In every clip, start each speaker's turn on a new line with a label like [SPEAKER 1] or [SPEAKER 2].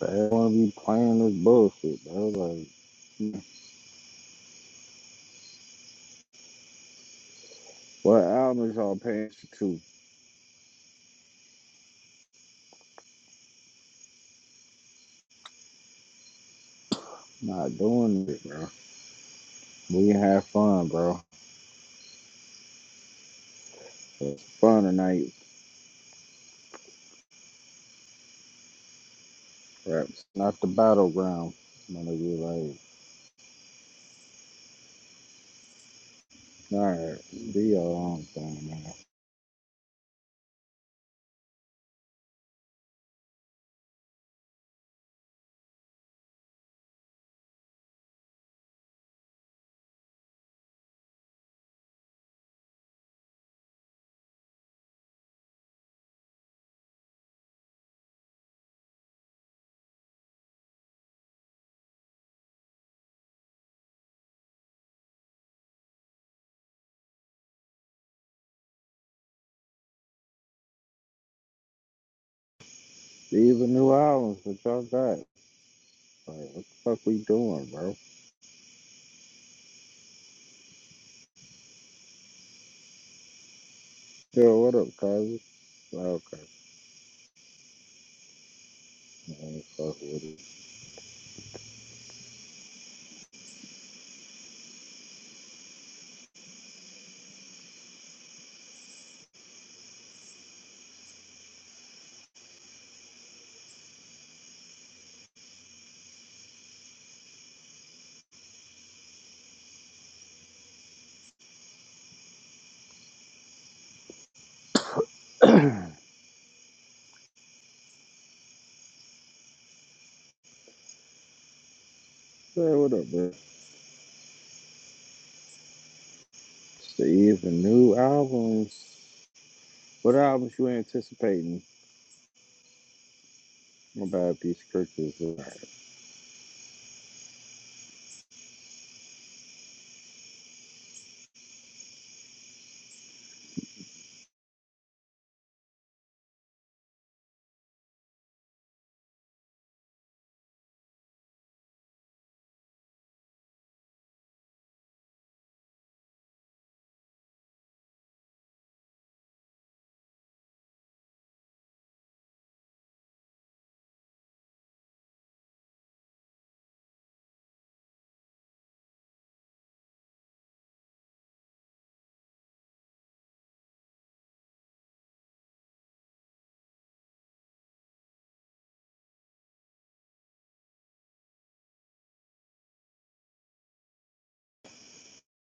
[SPEAKER 1] They want to be playing this bullshit, bro. Like, what albums y'all paying attention to? Not doing it, bro. We can have fun, bro. It's fun tonight. Raps not the battleground. I'm gonna be like, all right, do your own thing, man. These are new albums that y'all got. Like, what the fuck we doing, bro? Yo, what up, cousin? Well, okay, man, fuck with it. Say what up, bro? It's the even new albums. What albums you anticipating? My bad, Peace Crickets.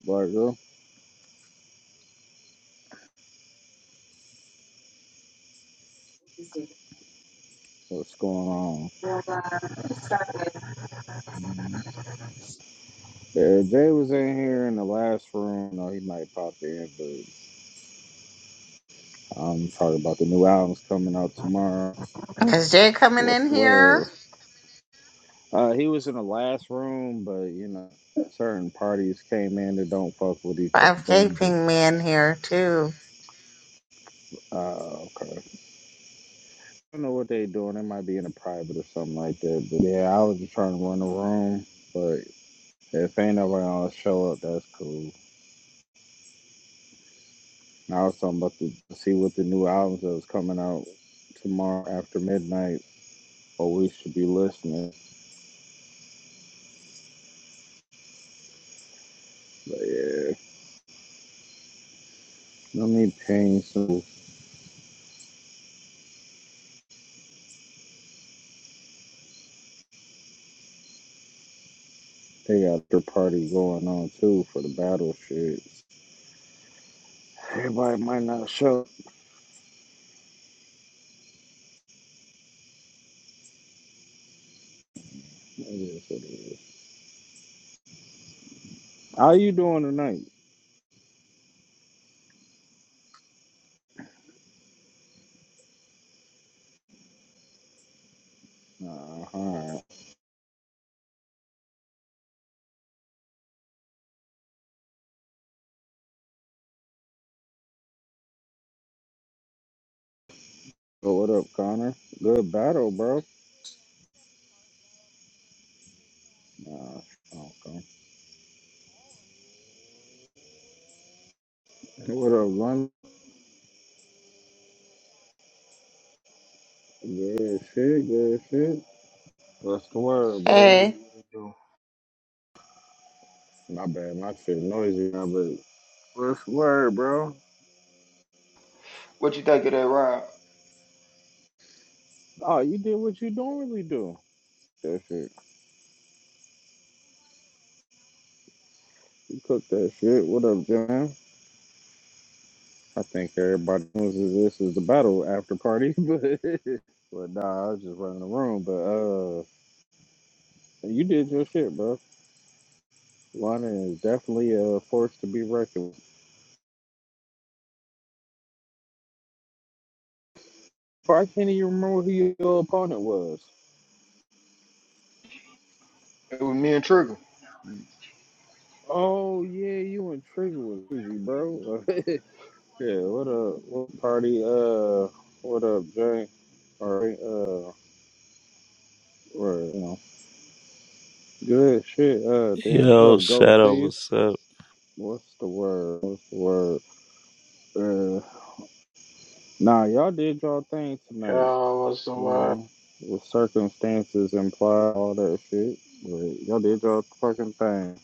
[SPEAKER 1] Black girl, what's going on? Yeah, Jay was in here in the last room. No, he might pop in, but I'm talking about the new albums coming out tomorrow.
[SPEAKER 2] Is Jay coming
[SPEAKER 1] What's
[SPEAKER 2] in
[SPEAKER 1] where?
[SPEAKER 2] here?
[SPEAKER 1] Uh, he was in the last room, but you know, certain parties came in that don't fuck with each other. Boom,
[SPEAKER 2] 5K
[SPEAKER 1] dick.
[SPEAKER 2] ping me in here too.
[SPEAKER 1] Uh, okay. I don't know what they doing. They might be in a private or something like that. But yeah, I was just trying to run the room, but if ain't nobody gonna show up, that's cool. I was talking about to see what the new albums that was coming out tomorrow after midnight, or we should be listening. But yeah, no need paying, so they got their party going on too for the battle shit. Everybody might not show. It is what it is. How you doing tonight? Uh, alright. So what up, Connor? Good battle, bro. Nah, okay. What up, London? Good shit, good shit. What's the word,
[SPEAKER 3] What it
[SPEAKER 1] brother?
[SPEAKER 3] do?
[SPEAKER 2] Hey.
[SPEAKER 3] What it do?
[SPEAKER 1] My bad, my shit noisy, man, First word, bro.
[SPEAKER 3] What you think of that round?
[SPEAKER 1] Oh, you did what you normally do. That shit. You cooked that shit. What up, Jim? I think everybody knows that this is the battle after party. But, but nah, I was just running the room. But uh, you did your shit, bro. Lana is definitely a force to be reckoned with. Bro, I can't even remember who your opponent was.
[SPEAKER 3] It was me and Trigger.
[SPEAKER 1] Oh, yeah, you and Trigger was easy, bro. yeah, what up? What party? Uh, what up, Jay? All right, uh, word. you know. Good shit. Uh, damn. What
[SPEAKER 4] Yo,
[SPEAKER 1] up, Gold
[SPEAKER 4] Shadow,
[SPEAKER 1] Thief?
[SPEAKER 4] what's up?
[SPEAKER 1] What's the word? What's the word? Uh, nah, y'all did y'all thing tonight.
[SPEAKER 5] Oh, what's the
[SPEAKER 1] You
[SPEAKER 5] word?
[SPEAKER 1] know, with circumstances implied, all that shit. But y'all did y'all fucking thing.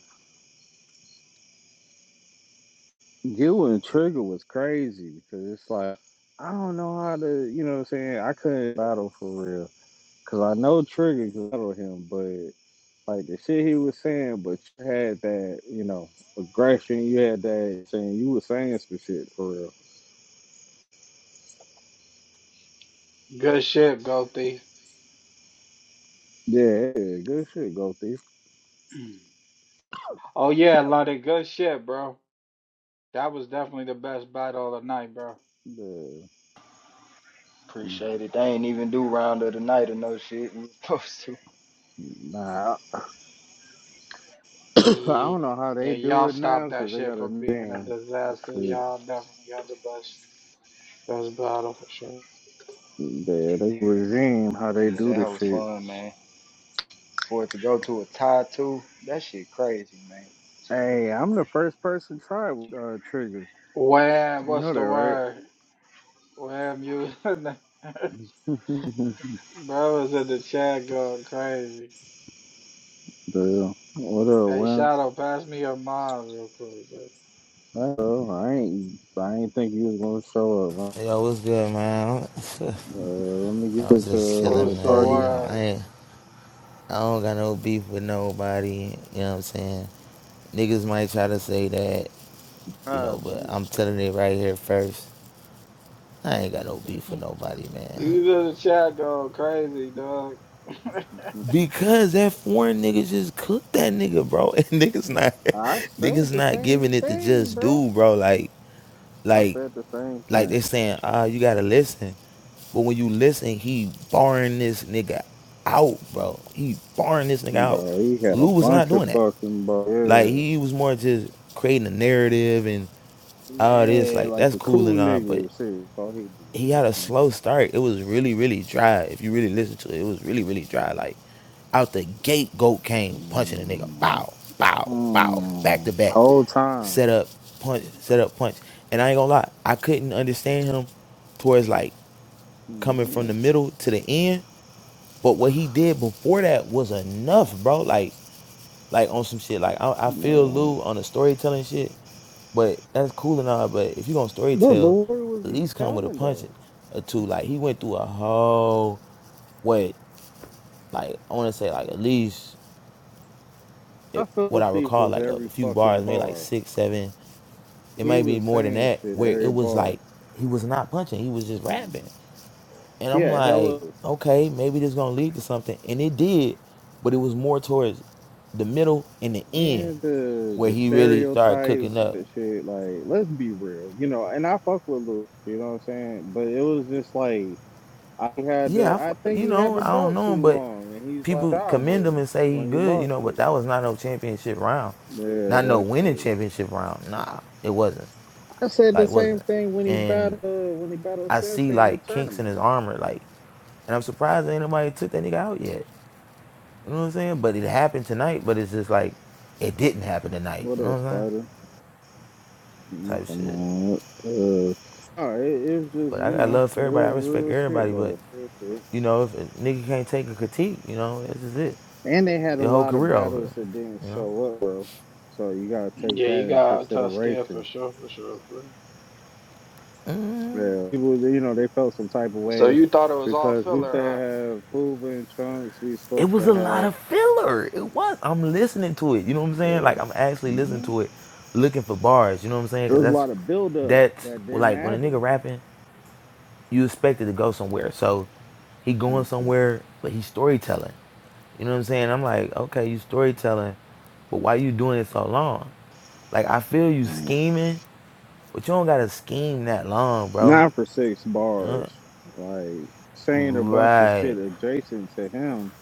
[SPEAKER 1] You and Trigger was crazy because it's like, I don't know how to, you know what I'm saying? I couldn't battle for real. Because I know Trigger could battle him, but like the shit he was saying, but you had that, you know, aggression. You had that saying, you were saying some shit for real.
[SPEAKER 5] Good shit, go thief.
[SPEAKER 1] Yeah, yeah, good shit, go thief.
[SPEAKER 5] Oh yeah, a good shit, bro. That was definitely the best battle of the night, bro.
[SPEAKER 1] Yeah.
[SPEAKER 3] Appreciate it. They ain't even do round of the night or no shit. We was supposed to.
[SPEAKER 1] Nah, I
[SPEAKER 5] Yeah,
[SPEAKER 1] don't know how
[SPEAKER 5] yeah,
[SPEAKER 1] they do
[SPEAKER 5] y'all
[SPEAKER 1] it now
[SPEAKER 5] stopped that
[SPEAKER 1] because they
[SPEAKER 5] shit
[SPEAKER 1] got a
[SPEAKER 5] from
[SPEAKER 1] new
[SPEAKER 5] being a
[SPEAKER 1] damn
[SPEAKER 5] disaster.
[SPEAKER 1] shit.
[SPEAKER 5] Y'all definitely had the best best battle for sure.
[SPEAKER 1] Yeah, they regime how they
[SPEAKER 3] Yeah,
[SPEAKER 1] do
[SPEAKER 3] that
[SPEAKER 1] this
[SPEAKER 3] hoe was
[SPEAKER 1] shit.
[SPEAKER 3] fun, man. For it to go to a tie two, that shit crazy, man.
[SPEAKER 1] Hey, I'm the first person tried with uh, trigger.
[SPEAKER 5] Wham,
[SPEAKER 1] You
[SPEAKER 5] what's
[SPEAKER 1] know that,
[SPEAKER 5] the
[SPEAKER 1] right?
[SPEAKER 5] word? Wham, you in the- bro was in the chat going crazy.
[SPEAKER 1] yeah. What
[SPEAKER 5] Hey,
[SPEAKER 1] up, man?
[SPEAKER 5] Shadow, pass me your mind real quick, bro.
[SPEAKER 1] Uh, I ain't, I ain't think you was gonna show up. man.
[SPEAKER 6] Yo, what's good, man?
[SPEAKER 1] Uh, let me get
[SPEAKER 6] I'm just
[SPEAKER 1] into a
[SPEAKER 6] chilling,
[SPEAKER 5] What's the
[SPEAKER 6] man.
[SPEAKER 1] party.
[SPEAKER 6] You know, I
[SPEAKER 5] word?
[SPEAKER 6] ain't, I don't got no beef with nobody. You know what I'm saying? Niggas might try to say that, you
[SPEAKER 1] Uh,
[SPEAKER 6] know, but I'm telling it right here first. I ain't got no beef with nobody, man.
[SPEAKER 5] You know the chat going crazy, dog.
[SPEAKER 6] Because that foreign nigga just cooked that nigga, bro. And niggas not,
[SPEAKER 1] I said
[SPEAKER 6] niggas
[SPEAKER 1] the
[SPEAKER 6] not
[SPEAKER 1] same
[SPEAKER 6] giving it to
[SPEAKER 1] thing,
[SPEAKER 6] just
[SPEAKER 1] bro.
[SPEAKER 6] do, bro. Like,
[SPEAKER 1] I
[SPEAKER 6] like
[SPEAKER 1] said the same thing.
[SPEAKER 6] Like they saying, ah, you gotta listen. But when you listen, he barring this nigga out, bro. He barring this nigga out.
[SPEAKER 1] Bro, he had a
[SPEAKER 6] Lou was not
[SPEAKER 1] bunch of
[SPEAKER 6] doing that.
[SPEAKER 1] fucking
[SPEAKER 6] Like
[SPEAKER 1] bro.
[SPEAKER 6] he was more just creating a narrative and
[SPEAKER 1] Yeah,
[SPEAKER 6] all this.
[SPEAKER 1] yeah
[SPEAKER 6] Like
[SPEAKER 1] like
[SPEAKER 6] that's
[SPEAKER 1] the
[SPEAKER 6] cool
[SPEAKER 1] cool
[SPEAKER 6] and all, but
[SPEAKER 1] niggas. See, all he did.
[SPEAKER 6] he had a
[SPEAKER 1] Like,
[SPEAKER 6] slow start. It was really, really dry. If you really listen to it, it was really, really dry. Like out the gate, Goat came punching a nigga.
[SPEAKER 1] mm,
[SPEAKER 6] Bow, bow, bow, back to
[SPEAKER 1] mm,
[SPEAKER 6] back.
[SPEAKER 1] whole time.
[SPEAKER 6] Set up, punch, set up, punch. And I ain't gonna lie, I couldn't understand him towards like coming from the
[SPEAKER 1] Mm,
[SPEAKER 6] middle to the end. But what he did before that was enough, bro. Like like on some shit. Like I, I feel
[SPEAKER 1] no.
[SPEAKER 6] Lou on the storytelling shit, but that's cool and all. But if you gonna
[SPEAKER 1] Bro, but
[SPEAKER 6] storytell,
[SPEAKER 1] what was
[SPEAKER 6] at
[SPEAKER 1] he
[SPEAKER 6] least come with a
[SPEAKER 1] telling
[SPEAKER 6] punch
[SPEAKER 1] though?
[SPEAKER 6] or two. Like he went through a whole what, like I want to say like at least
[SPEAKER 1] I
[SPEAKER 6] it, what
[SPEAKER 1] felt
[SPEAKER 6] I
[SPEAKER 1] thief
[SPEAKER 6] recall
[SPEAKER 1] was
[SPEAKER 6] like a
[SPEAKER 1] every
[SPEAKER 6] few
[SPEAKER 1] fucking
[SPEAKER 6] bars, maybe like
[SPEAKER 1] bar.
[SPEAKER 6] six, seven. It
[SPEAKER 1] He
[SPEAKER 6] might be
[SPEAKER 1] was
[SPEAKER 6] more than
[SPEAKER 1] saying
[SPEAKER 6] that.
[SPEAKER 1] shit
[SPEAKER 6] Where
[SPEAKER 1] every
[SPEAKER 6] it was
[SPEAKER 1] bar.
[SPEAKER 6] like he was not punching, he was just
[SPEAKER 1] Mm.
[SPEAKER 6] rapping. And
[SPEAKER 1] He
[SPEAKER 6] I'm
[SPEAKER 1] had
[SPEAKER 6] like,
[SPEAKER 1] hella
[SPEAKER 6] okay, maybe this gonna lead to something. And it did, but it was more towards the middle and the end
[SPEAKER 1] and the
[SPEAKER 6] where
[SPEAKER 1] the
[SPEAKER 6] he really started cooking
[SPEAKER 1] stereotypes
[SPEAKER 6] up.
[SPEAKER 1] and shit. Like, let's be real, you know. And I fuck with Luke, you know what I'm saying. But it was just like I had
[SPEAKER 6] Yeah,
[SPEAKER 1] the
[SPEAKER 6] I
[SPEAKER 1] I think
[SPEAKER 6] you
[SPEAKER 1] he had
[SPEAKER 6] know,
[SPEAKER 1] the
[SPEAKER 6] I don't
[SPEAKER 1] belt
[SPEAKER 6] know,
[SPEAKER 1] too
[SPEAKER 6] but
[SPEAKER 1] long and he's like
[SPEAKER 6] people
[SPEAKER 1] I
[SPEAKER 6] commend him
[SPEAKER 1] was
[SPEAKER 6] and say he
[SPEAKER 1] when he
[SPEAKER 6] good, you
[SPEAKER 1] lost
[SPEAKER 6] know, but
[SPEAKER 1] it.
[SPEAKER 6] that was not no championship round.
[SPEAKER 1] Yeah,
[SPEAKER 6] Not no
[SPEAKER 1] that's
[SPEAKER 6] winning
[SPEAKER 1] true.
[SPEAKER 6] championship round. Nah, it wasn't.
[SPEAKER 1] I said the
[SPEAKER 6] Like,
[SPEAKER 1] same
[SPEAKER 6] wasn't.
[SPEAKER 1] thing when he
[SPEAKER 6] And
[SPEAKER 1] battled uh, when he battled
[SPEAKER 6] I see,
[SPEAKER 1] Sensei in the
[SPEAKER 6] like, kinks in
[SPEAKER 1] tournament.
[SPEAKER 6] his armor, like, and I'm surprised that anybody took that nigga out yet. You know what I'm saying? But it happened tonight, but it's just like it didn't happen tonight.
[SPEAKER 1] What
[SPEAKER 6] You
[SPEAKER 1] up,
[SPEAKER 6] know what I'm
[SPEAKER 1] Spider? You
[SPEAKER 6] saying? Type
[SPEAKER 1] come
[SPEAKER 6] shit.
[SPEAKER 1] on. Uh, oh, it was just
[SPEAKER 6] But
[SPEAKER 1] you
[SPEAKER 6] I got
[SPEAKER 1] know
[SPEAKER 6] love
[SPEAKER 1] it
[SPEAKER 6] for everybody. I
[SPEAKER 1] was
[SPEAKER 6] respect
[SPEAKER 1] real shit
[SPEAKER 6] everybody. But
[SPEAKER 1] though, real shit.
[SPEAKER 6] you know, if a nigga can't take a critique, you know, this is it.
[SPEAKER 1] And they had a
[SPEAKER 6] Your whole
[SPEAKER 1] lot of
[SPEAKER 6] career over.
[SPEAKER 1] battles that didn't
[SPEAKER 6] You know?
[SPEAKER 1] show up, bro. So you gotta take
[SPEAKER 5] Yeah, you
[SPEAKER 1] that in
[SPEAKER 5] got a tough scare for
[SPEAKER 1] consideration.
[SPEAKER 5] sure, for sure, bro.
[SPEAKER 1] Yeah, people, you know, they felt some type of
[SPEAKER 5] So
[SPEAKER 1] way
[SPEAKER 5] you thought it was all
[SPEAKER 1] because we used to
[SPEAKER 5] filler, huh?
[SPEAKER 1] have Hoover and Trunks. We
[SPEAKER 6] It
[SPEAKER 1] supposed
[SPEAKER 6] was
[SPEAKER 1] to
[SPEAKER 6] a lot
[SPEAKER 1] have.
[SPEAKER 6] of filler. It was. I'm listening to it. You know what I'm saying?
[SPEAKER 1] Uh,
[SPEAKER 6] Like I'm actually listening to it, looking for bars. You know what I'm saying?
[SPEAKER 1] there
[SPEAKER 6] Cause
[SPEAKER 1] was a
[SPEAKER 6] that's
[SPEAKER 1] lot of buildup
[SPEAKER 6] that's
[SPEAKER 1] that didn't
[SPEAKER 6] like when a
[SPEAKER 1] happen.
[SPEAKER 6] nigga rapping. you expected to go somewhere. So he going somewhere, but he's storytelling. You know what I'm saying? I'm like, okay, you storytelling, but why you doing it so long? Like I feel you scheming, but you don't gotta scheme that long, bro.
[SPEAKER 1] Not for six bars, like saying a bunch of
[SPEAKER 6] Right.
[SPEAKER 1] shit adjacent to him.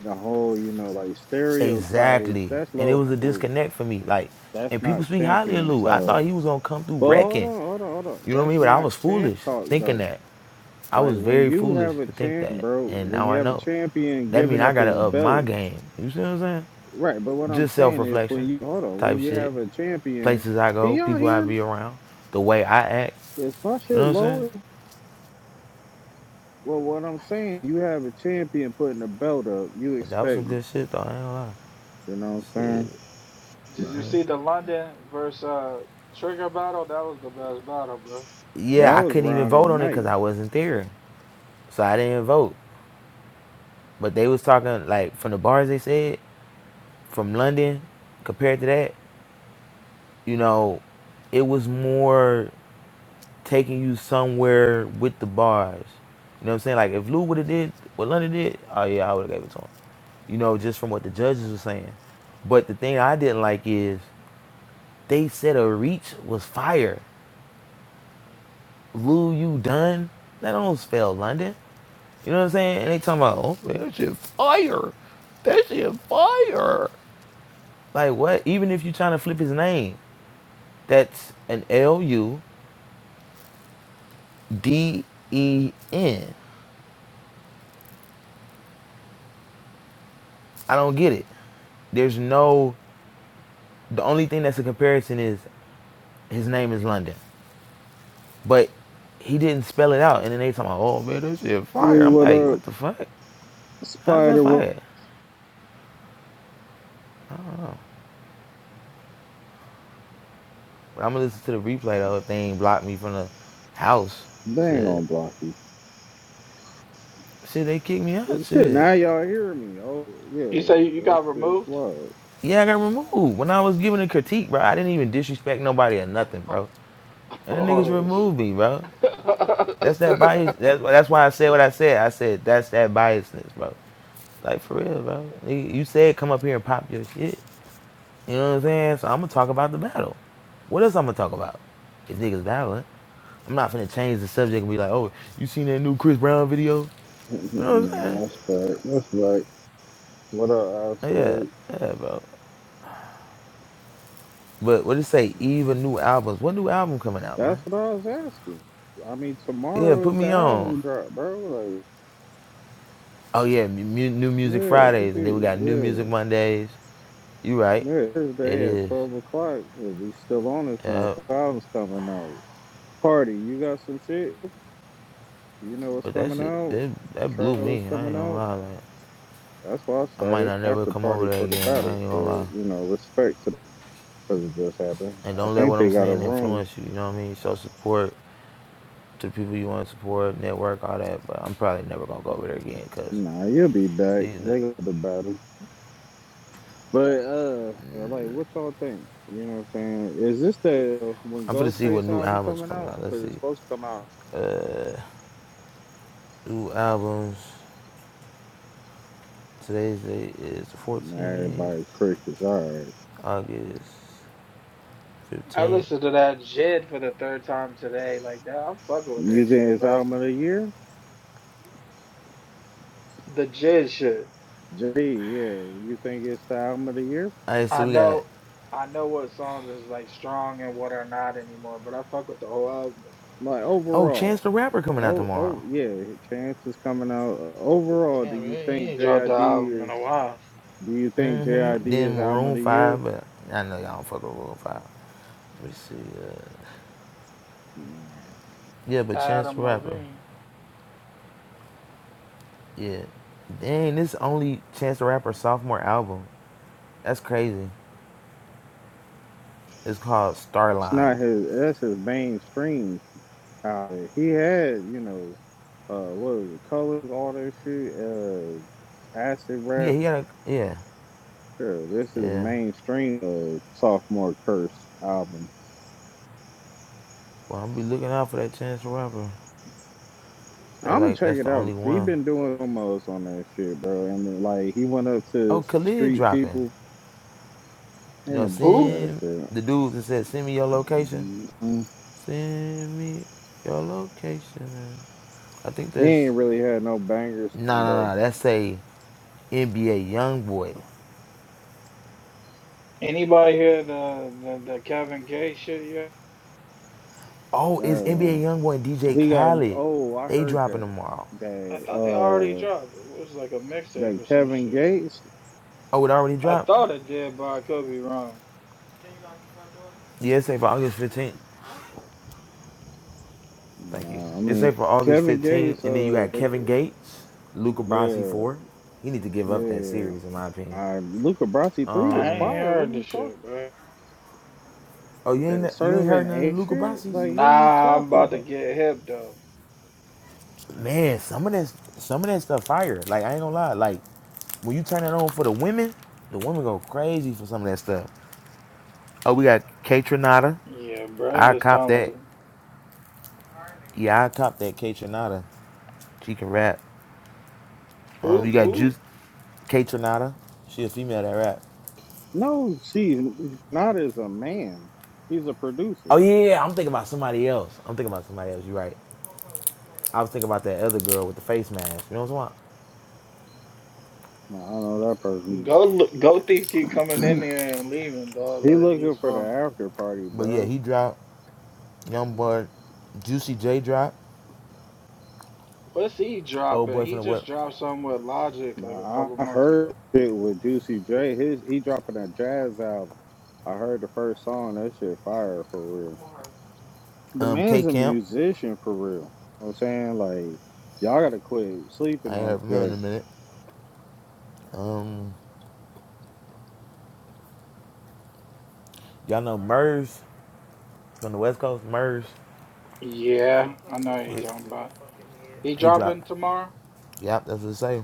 [SPEAKER 1] The whole, you know, like stereotypes.
[SPEAKER 6] Exactly.
[SPEAKER 1] That's
[SPEAKER 6] And it
[SPEAKER 1] low
[SPEAKER 6] was a
[SPEAKER 1] fruit.
[SPEAKER 6] disconnect for me. Like,
[SPEAKER 1] That's
[SPEAKER 6] and people
[SPEAKER 1] not
[SPEAKER 6] speak highly of
[SPEAKER 1] champion
[SPEAKER 6] Lou. I thought
[SPEAKER 1] talk.
[SPEAKER 6] he was gonna come through
[SPEAKER 1] But hold
[SPEAKER 6] wrecking.
[SPEAKER 1] on, hold on, hold on.
[SPEAKER 6] You know what I
[SPEAKER 1] That's
[SPEAKER 6] mean? But I
[SPEAKER 1] not
[SPEAKER 6] was
[SPEAKER 1] champ
[SPEAKER 6] foolish
[SPEAKER 1] talk
[SPEAKER 6] thinking
[SPEAKER 1] though.
[SPEAKER 6] that. I
[SPEAKER 1] Like
[SPEAKER 6] was
[SPEAKER 1] when
[SPEAKER 6] very
[SPEAKER 1] you
[SPEAKER 6] foolish
[SPEAKER 1] have a
[SPEAKER 6] to think
[SPEAKER 1] champ,
[SPEAKER 6] that.
[SPEAKER 1] bro,
[SPEAKER 6] And
[SPEAKER 1] when
[SPEAKER 6] now
[SPEAKER 1] you
[SPEAKER 6] I
[SPEAKER 1] have a
[SPEAKER 6] know.
[SPEAKER 1] champion
[SPEAKER 6] That
[SPEAKER 1] giving
[SPEAKER 6] mean I
[SPEAKER 1] up
[SPEAKER 6] gotta
[SPEAKER 1] his
[SPEAKER 6] up my
[SPEAKER 1] belt,
[SPEAKER 6] game. You see what I'm saying?
[SPEAKER 1] right? But what I'm
[SPEAKER 6] just self
[SPEAKER 1] saying is, when
[SPEAKER 6] reflection
[SPEAKER 1] you hold on, when
[SPEAKER 6] type
[SPEAKER 1] you
[SPEAKER 6] shit.
[SPEAKER 1] have a champion,
[SPEAKER 6] Places I
[SPEAKER 1] can
[SPEAKER 6] go,
[SPEAKER 1] y'all
[SPEAKER 6] people I
[SPEAKER 1] hear? me?
[SPEAKER 6] be around, the way I act.
[SPEAKER 1] Is my
[SPEAKER 6] You
[SPEAKER 1] shit
[SPEAKER 6] know what I'm saying?
[SPEAKER 1] lower? Well, what I'm saying, you have a champion putting a belt up. You
[SPEAKER 6] But that was
[SPEAKER 1] expect,
[SPEAKER 6] some good
[SPEAKER 1] you
[SPEAKER 6] shit though, I ain't gonna lie.
[SPEAKER 1] know what I'm
[SPEAKER 6] Shit.
[SPEAKER 1] saying?
[SPEAKER 5] Did
[SPEAKER 1] Nah.
[SPEAKER 5] you see the London versus uh, Trigger battle? That was the best battle, bro.
[SPEAKER 1] That
[SPEAKER 6] Yeah, I
[SPEAKER 1] was
[SPEAKER 6] couldn't even
[SPEAKER 1] round of the
[SPEAKER 6] vote on it
[SPEAKER 1] night.
[SPEAKER 6] because I wasn't there. So I didn't vote. But they was talking like from the bars they said, from London, compared to that, you know, it was more taking you somewhere with the bars. You know what I'm saying? Like if Lou would have did what London did, oh yeah, I would have gave it to him. You know, just from what the judges were saying. But the thing I didn't like is they said a reach was fire. Lou, you done? That almost fell, London. You know what I'm saying? And they talking about, oh, that shit fire. That shit fire. Like what? Even if you're trying to flip his name, that's an L U D E N. I don't get it. There's no The only thing that's a comparison is his name is London, but he didn't spell it out. And then they talking about, oh man, that shit fire.
[SPEAKER 1] Really,
[SPEAKER 6] I'm
[SPEAKER 1] what
[SPEAKER 6] like,
[SPEAKER 1] up,
[SPEAKER 6] what the fuck? How's that
[SPEAKER 1] Spider? What?
[SPEAKER 6] fire? But I'm gonna listen to the replay though if they ain't blocked me from the house.
[SPEAKER 1] Dang
[SPEAKER 6] Shit,
[SPEAKER 1] on Blocky.
[SPEAKER 6] shit, they kicked me out.
[SPEAKER 1] Well, shit,
[SPEAKER 6] Shit,
[SPEAKER 1] now y'all hear me? Oh
[SPEAKER 5] You say
[SPEAKER 1] yeah,
[SPEAKER 5] you
[SPEAKER 1] that
[SPEAKER 5] got
[SPEAKER 1] shit's
[SPEAKER 5] removed?
[SPEAKER 1] wild.
[SPEAKER 6] yeah, I got removed when I was giving a critique, bro. I didn't even disrespect nobody or nothing, bro. And the niggas
[SPEAKER 5] Oh,
[SPEAKER 6] removed
[SPEAKER 5] shit.
[SPEAKER 6] me, bro. That's that bias. That's that's why I said what I said. I said that's that biasness, bro. Like for real, bro. You said come up here and pop your shit. You know what I'm saying? So I'm gonna talk about the battle. What else I'm gonna talk about? If niggas battling, I'm not finna change the subject and be like, "Oh, you seen that new Chris Brown video?" You know what I'm
[SPEAKER 1] nah,
[SPEAKER 6] saying?
[SPEAKER 1] that's right. That's right. What up,
[SPEAKER 6] Like, Yeah,
[SPEAKER 1] Absolute?
[SPEAKER 6] yeah, bro. But what it say? Even new albums. What new album coming out,
[SPEAKER 1] That's
[SPEAKER 6] man?
[SPEAKER 1] what I was asking. I mean,
[SPEAKER 6] Yeah,
[SPEAKER 1] tomorrow
[SPEAKER 6] put
[SPEAKER 1] is the
[SPEAKER 6] me on.
[SPEAKER 1] album drop, bro. Like,
[SPEAKER 6] Oh yeah, mu- mu- new music
[SPEAKER 1] yeah, this
[SPEAKER 6] Fridays, and then we
[SPEAKER 1] is-
[SPEAKER 6] got new music
[SPEAKER 1] yeah,
[SPEAKER 6] Mondays. You right?
[SPEAKER 1] yeah.
[SPEAKER 6] It
[SPEAKER 1] Thursday at
[SPEAKER 6] is.
[SPEAKER 1] twelve o'clock. Yeah, we still on this
[SPEAKER 6] Yeah,
[SPEAKER 1] motherfucker. Album's coming out. Party, you got some shit? You know what's
[SPEAKER 6] but that
[SPEAKER 1] coming
[SPEAKER 6] shit,
[SPEAKER 1] out?
[SPEAKER 6] it, that blew
[SPEAKER 1] Trial
[SPEAKER 6] me.
[SPEAKER 1] is
[SPEAKER 6] I
[SPEAKER 1] coming
[SPEAKER 6] ain't gonna
[SPEAKER 1] out.
[SPEAKER 6] lie. Like,
[SPEAKER 1] That's why I
[SPEAKER 6] I might
[SPEAKER 1] started
[SPEAKER 6] not never
[SPEAKER 1] after
[SPEAKER 6] come
[SPEAKER 1] party
[SPEAKER 6] over there
[SPEAKER 1] for the
[SPEAKER 6] again. I
[SPEAKER 1] battle.
[SPEAKER 6] ain't gonna lie.
[SPEAKER 1] But you know, respect to because it just happened.
[SPEAKER 6] And
[SPEAKER 1] I
[SPEAKER 6] don't let
[SPEAKER 1] think
[SPEAKER 6] what I'm
[SPEAKER 1] they got a
[SPEAKER 6] saying
[SPEAKER 1] room.
[SPEAKER 6] influence you. You know what I mean? Show support to the people you want to support, network, all that. But I'm probably never gonna go over there again because
[SPEAKER 1] Nah, you'll be back.
[SPEAKER 6] these. Are,
[SPEAKER 1] They got the battle. But uh, like, what y'all think? You know what I'm saying? Is this the when
[SPEAKER 6] I'm gonna see what
[SPEAKER 1] Ghostface
[SPEAKER 6] new
[SPEAKER 1] album
[SPEAKER 6] albums
[SPEAKER 1] coming
[SPEAKER 6] coming
[SPEAKER 1] out?
[SPEAKER 6] out. Let's
[SPEAKER 1] Because
[SPEAKER 6] see.
[SPEAKER 1] it's supposed to come out.
[SPEAKER 6] New albums. Today's day is the
[SPEAKER 1] Nah,
[SPEAKER 6] 14th,
[SPEAKER 1] everybody crick is all right.
[SPEAKER 6] August
[SPEAKER 5] I
[SPEAKER 6] 15th.
[SPEAKER 5] listened to that Jid for the third time today. Like that, I'm fucking with that
[SPEAKER 1] You think
[SPEAKER 5] shit,
[SPEAKER 1] it's
[SPEAKER 5] bro.
[SPEAKER 1] album of the year?
[SPEAKER 5] The Jid shit.
[SPEAKER 1] JD, yeah. You think it's the album of the year?
[SPEAKER 6] All right,
[SPEAKER 5] I
[SPEAKER 6] so we got
[SPEAKER 5] know, I know what songs is like strong and what are not anymore, but I fuck with the whole album.
[SPEAKER 1] Like
[SPEAKER 6] oh Chance
[SPEAKER 1] overall,
[SPEAKER 6] the Rapper coming out
[SPEAKER 1] oh
[SPEAKER 6] tomorrow.
[SPEAKER 1] oh yeah, Chance is coming out. Uh, Overall, do
[SPEAKER 5] Damn,
[SPEAKER 1] you
[SPEAKER 5] man, he
[SPEAKER 1] think
[SPEAKER 5] ain't dropped the
[SPEAKER 1] JID
[SPEAKER 5] album in
[SPEAKER 1] is?
[SPEAKER 5] a while.
[SPEAKER 1] Do you think JID
[SPEAKER 6] Mm-hmm. Then
[SPEAKER 1] is album of
[SPEAKER 6] Maroon
[SPEAKER 1] the year?
[SPEAKER 6] Five, but I know y'all don't fuck with Maroon Five. Let me see. Uh,
[SPEAKER 1] Nah,
[SPEAKER 6] yeah, but Chance the
[SPEAKER 5] Adam
[SPEAKER 6] Rapper.
[SPEAKER 5] Levine.
[SPEAKER 6] Yeah. Dang, this only Chance the Rapper sophomore album. That's crazy. It's called
[SPEAKER 1] it's
[SPEAKER 6] Starline.
[SPEAKER 1] not his. That's his mainstream. Uh, he had, you know, uh, what was it, colors, all that shit, uh, acid
[SPEAKER 6] Yeah,
[SPEAKER 1] rap.
[SPEAKER 6] he had a yeah,
[SPEAKER 1] Sure, this is
[SPEAKER 6] yeah.
[SPEAKER 1] mainstream uh, sophomore curse album.
[SPEAKER 6] Well, I'm be looking out for that Chance the Rapper. That
[SPEAKER 1] I'm gonna
[SPEAKER 6] like
[SPEAKER 1] check
[SPEAKER 6] that's
[SPEAKER 1] it
[SPEAKER 6] the
[SPEAKER 1] out
[SPEAKER 6] only
[SPEAKER 1] 'cause he
[SPEAKER 6] one.
[SPEAKER 1] been doing almost on that shit, bro. And then, like he went up
[SPEAKER 6] Oh,
[SPEAKER 1] to some
[SPEAKER 6] Khalid
[SPEAKER 1] street
[SPEAKER 6] dropping.
[SPEAKER 1] people
[SPEAKER 6] You
[SPEAKER 1] and
[SPEAKER 6] know,
[SPEAKER 1] them for
[SPEAKER 5] Who?
[SPEAKER 1] that
[SPEAKER 6] send
[SPEAKER 1] shit.
[SPEAKER 6] the dude that said send me your location.
[SPEAKER 1] Mhm.
[SPEAKER 6] Send me your location. Man. I think
[SPEAKER 1] He
[SPEAKER 6] that's
[SPEAKER 1] ain't really had no bangers
[SPEAKER 6] no,
[SPEAKER 1] and
[SPEAKER 6] no,
[SPEAKER 1] though.
[SPEAKER 6] no. That's a NBA YoungBoy.
[SPEAKER 5] Anybody hear the the, the Kevin Gates shit yet?
[SPEAKER 6] Oh, it's
[SPEAKER 1] Uh,
[SPEAKER 6] NBA YoungBoy and DJ
[SPEAKER 1] he got
[SPEAKER 6] Khaled.
[SPEAKER 1] oh, I
[SPEAKER 6] They
[SPEAKER 1] heard
[SPEAKER 6] dropping
[SPEAKER 1] that
[SPEAKER 6] tomorrow.
[SPEAKER 5] I
[SPEAKER 1] that
[SPEAKER 5] thought they already
[SPEAKER 1] uh
[SPEAKER 5] dropped. It was like a mixtape
[SPEAKER 1] that
[SPEAKER 5] or some
[SPEAKER 1] Kevin
[SPEAKER 5] shit.
[SPEAKER 1] Gates
[SPEAKER 6] Oh, it already
[SPEAKER 5] I
[SPEAKER 6] dropped?
[SPEAKER 5] thought it did, but I could be wrong.
[SPEAKER 6] Yeah, it's safe for August 15th. Thank you.
[SPEAKER 1] Uh, I
[SPEAKER 6] It's
[SPEAKER 1] mean,
[SPEAKER 6] safe for August
[SPEAKER 1] Kevin
[SPEAKER 6] 15th.
[SPEAKER 1] Gates,
[SPEAKER 6] And then you
[SPEAKER 1] uh,
[SPEAKER 6] got
[SPEAKER 1] they,
[SPEAKER 6] Kevin Gates, Luca Brasi
[SPEAKER 1] yeah,
[SPEAKER 6] 4. He need to give up that
[SPEAKER 1] yeah.
[SPEAKER 6] series, in my opinion.
[SPEAKER 1] Uh, Luca Brasi three
[SPEAKER 5] I
[SPEAKER 1] was
[SPEAKER 6] Um,
[SPEAKER 5] ain't
[SPEAKER 1] fire. What are
[SPEAKER 5] heard the
[SPEAKER 1] you talking?
[SPEAKER 5] shit, bro.
[SPEAKER 6] oh, you
[SPEAKER 1] That
[SPEAKER 6] ain't you ain't
[SPEAKER 1] serving
[SPEAKER 6] heard none of
[SPEAKER 1] a
[SPEAKER 6] the Luca
[SPEAKER 1] shit?
[SPEAKER 6] Brasi's?
[SPEAKER 1] Like, what are you
[SPEAKER 5] Nah, I'm
[SPEAKER 1] talking
[SPEAKER 5] about to
[SPEAKER 1] about?
[SPEAKER 5] get hip though.
[SPEAKER 6] Man, some of that some of that stuff fire. Like I ain't gonna lie. Like when you turn it on for the women, the women go crazy for some of that stuff. Oh, we got K Trinata.
[SPEAKER 5] Yeah,
[SPEAKER 6] I
[SPEAKER 5] bro, it's
[SPEAKER 6] cop that.
[SPEAKER 5] talented.
[SPEAKER 6] Yeah, I cop that K Trinata. She can rap. Um, you
[SPEAKER 5] Who?
[SPEAKER 6] got
[SPEAKER 5] Who?
[SPEAKER 6] Juice. K Tronada, She a female that rap.
[SPEAKER 1] No, she's not as a man. He's a
[SPEAKER 6] Oh
[SPEAKER 1] producer.
[SPEAKER 6] yeah, yeah, I'm thinking about somebody else. I'm thinking about somebody else. You right. I was thinking about that other girl with the face mask. You know what I'm talking
[SPEAKER 1] No, I know that person.
[SPEAKER 5] Go, go thief keep coming in there and leaving, dog.
[SPEAKER 1] He
[SPEAKER 5] Like he's
[SPEAKER 1] looking for the
[SPEAKER 5] fun.
[SPEAKER 1] after party,
[SPEAKER 6] about? But yeah,
[SPEAKER 1] bro.
[SPEAKER 6] he dropped. Young boy, Juicy J dropped.
[SPEAKER 5] What's he
[SPEAKER 6] Old
[SPEAKER 5] dropping?
[SPEAKER 6] boy from
[SPEAKER 5] He
[SPEAKER 6] the what?
[SPEAKER 5] just dropped something with Logic like a
[SPEAKER 1] Nah,
[SPEAKER 5] couple
[SPEAKER 1] I
[SPEAKER 5] months
[SPEAKER 1] heard
[SPEAKER 5] ago.
[SPEAKER 1] it with Juicy J. His he dropping a jazz album. I heard the first song. That shit fire for real. The
[SPEAKER 6] Um, K
[SPEAKER 1] man's a
[SPEAKER 6] Camp.
[SPEAKER 1] musician for real. You know what I'm saying? Like, y'all gotta quit sleeping
[SPEAKER 6] I ain't
[SPEAKER 1] on
[SPEAKER 6] heard from him in
[SPEAKER 1] Dre.
[SPEAKER 6] a minute. Um, y'all know Murs from the West Coast. Murs.
[SPEAKER 5] Yeah, I know what you're
[SPEAKER 6] He,
[SPEAKER 5] talking about. He
[SPEAKER 6] he dropped.
[SPEAKER 5] dropping tomorrow?
[SPEAKER 6] Yep, that's what it say.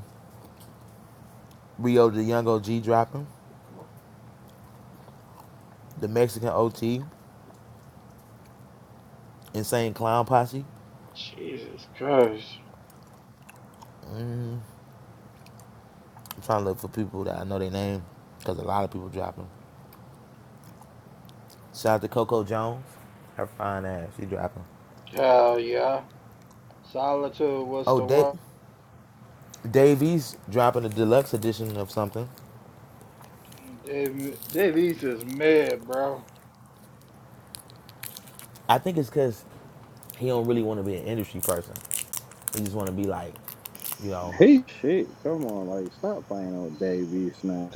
[SPEAKER 6] Rio the Young OG dropping. The Mexican OT. Insane Clown Posse.
[SPEAKER 5] Jesus Christ.
[SPEAKER 6] I'm trying to look for people that I know their name because a lot of people dropping. Shout out to Coco Jones. Her fine ass. She dropping.
[SPEAKER 5] Hell yeah. Solitude, what's
[SPEAKER 6] Oh,
[SPEAKER 5] the
[SPEAKER 6] da-
[SPEAKER 5] word?
[SPEAKER 6] Davies dropping a deluxe edition of something.
[SPEAKER 5] Dave, Dave East is mad, bro.
[SPEAKER 6] I think it's because he don't really want to be an industry person. He just want to be like, you know.
[SPEAKER 1] Hey, shit, come on, like, stop playing on Davey Snap.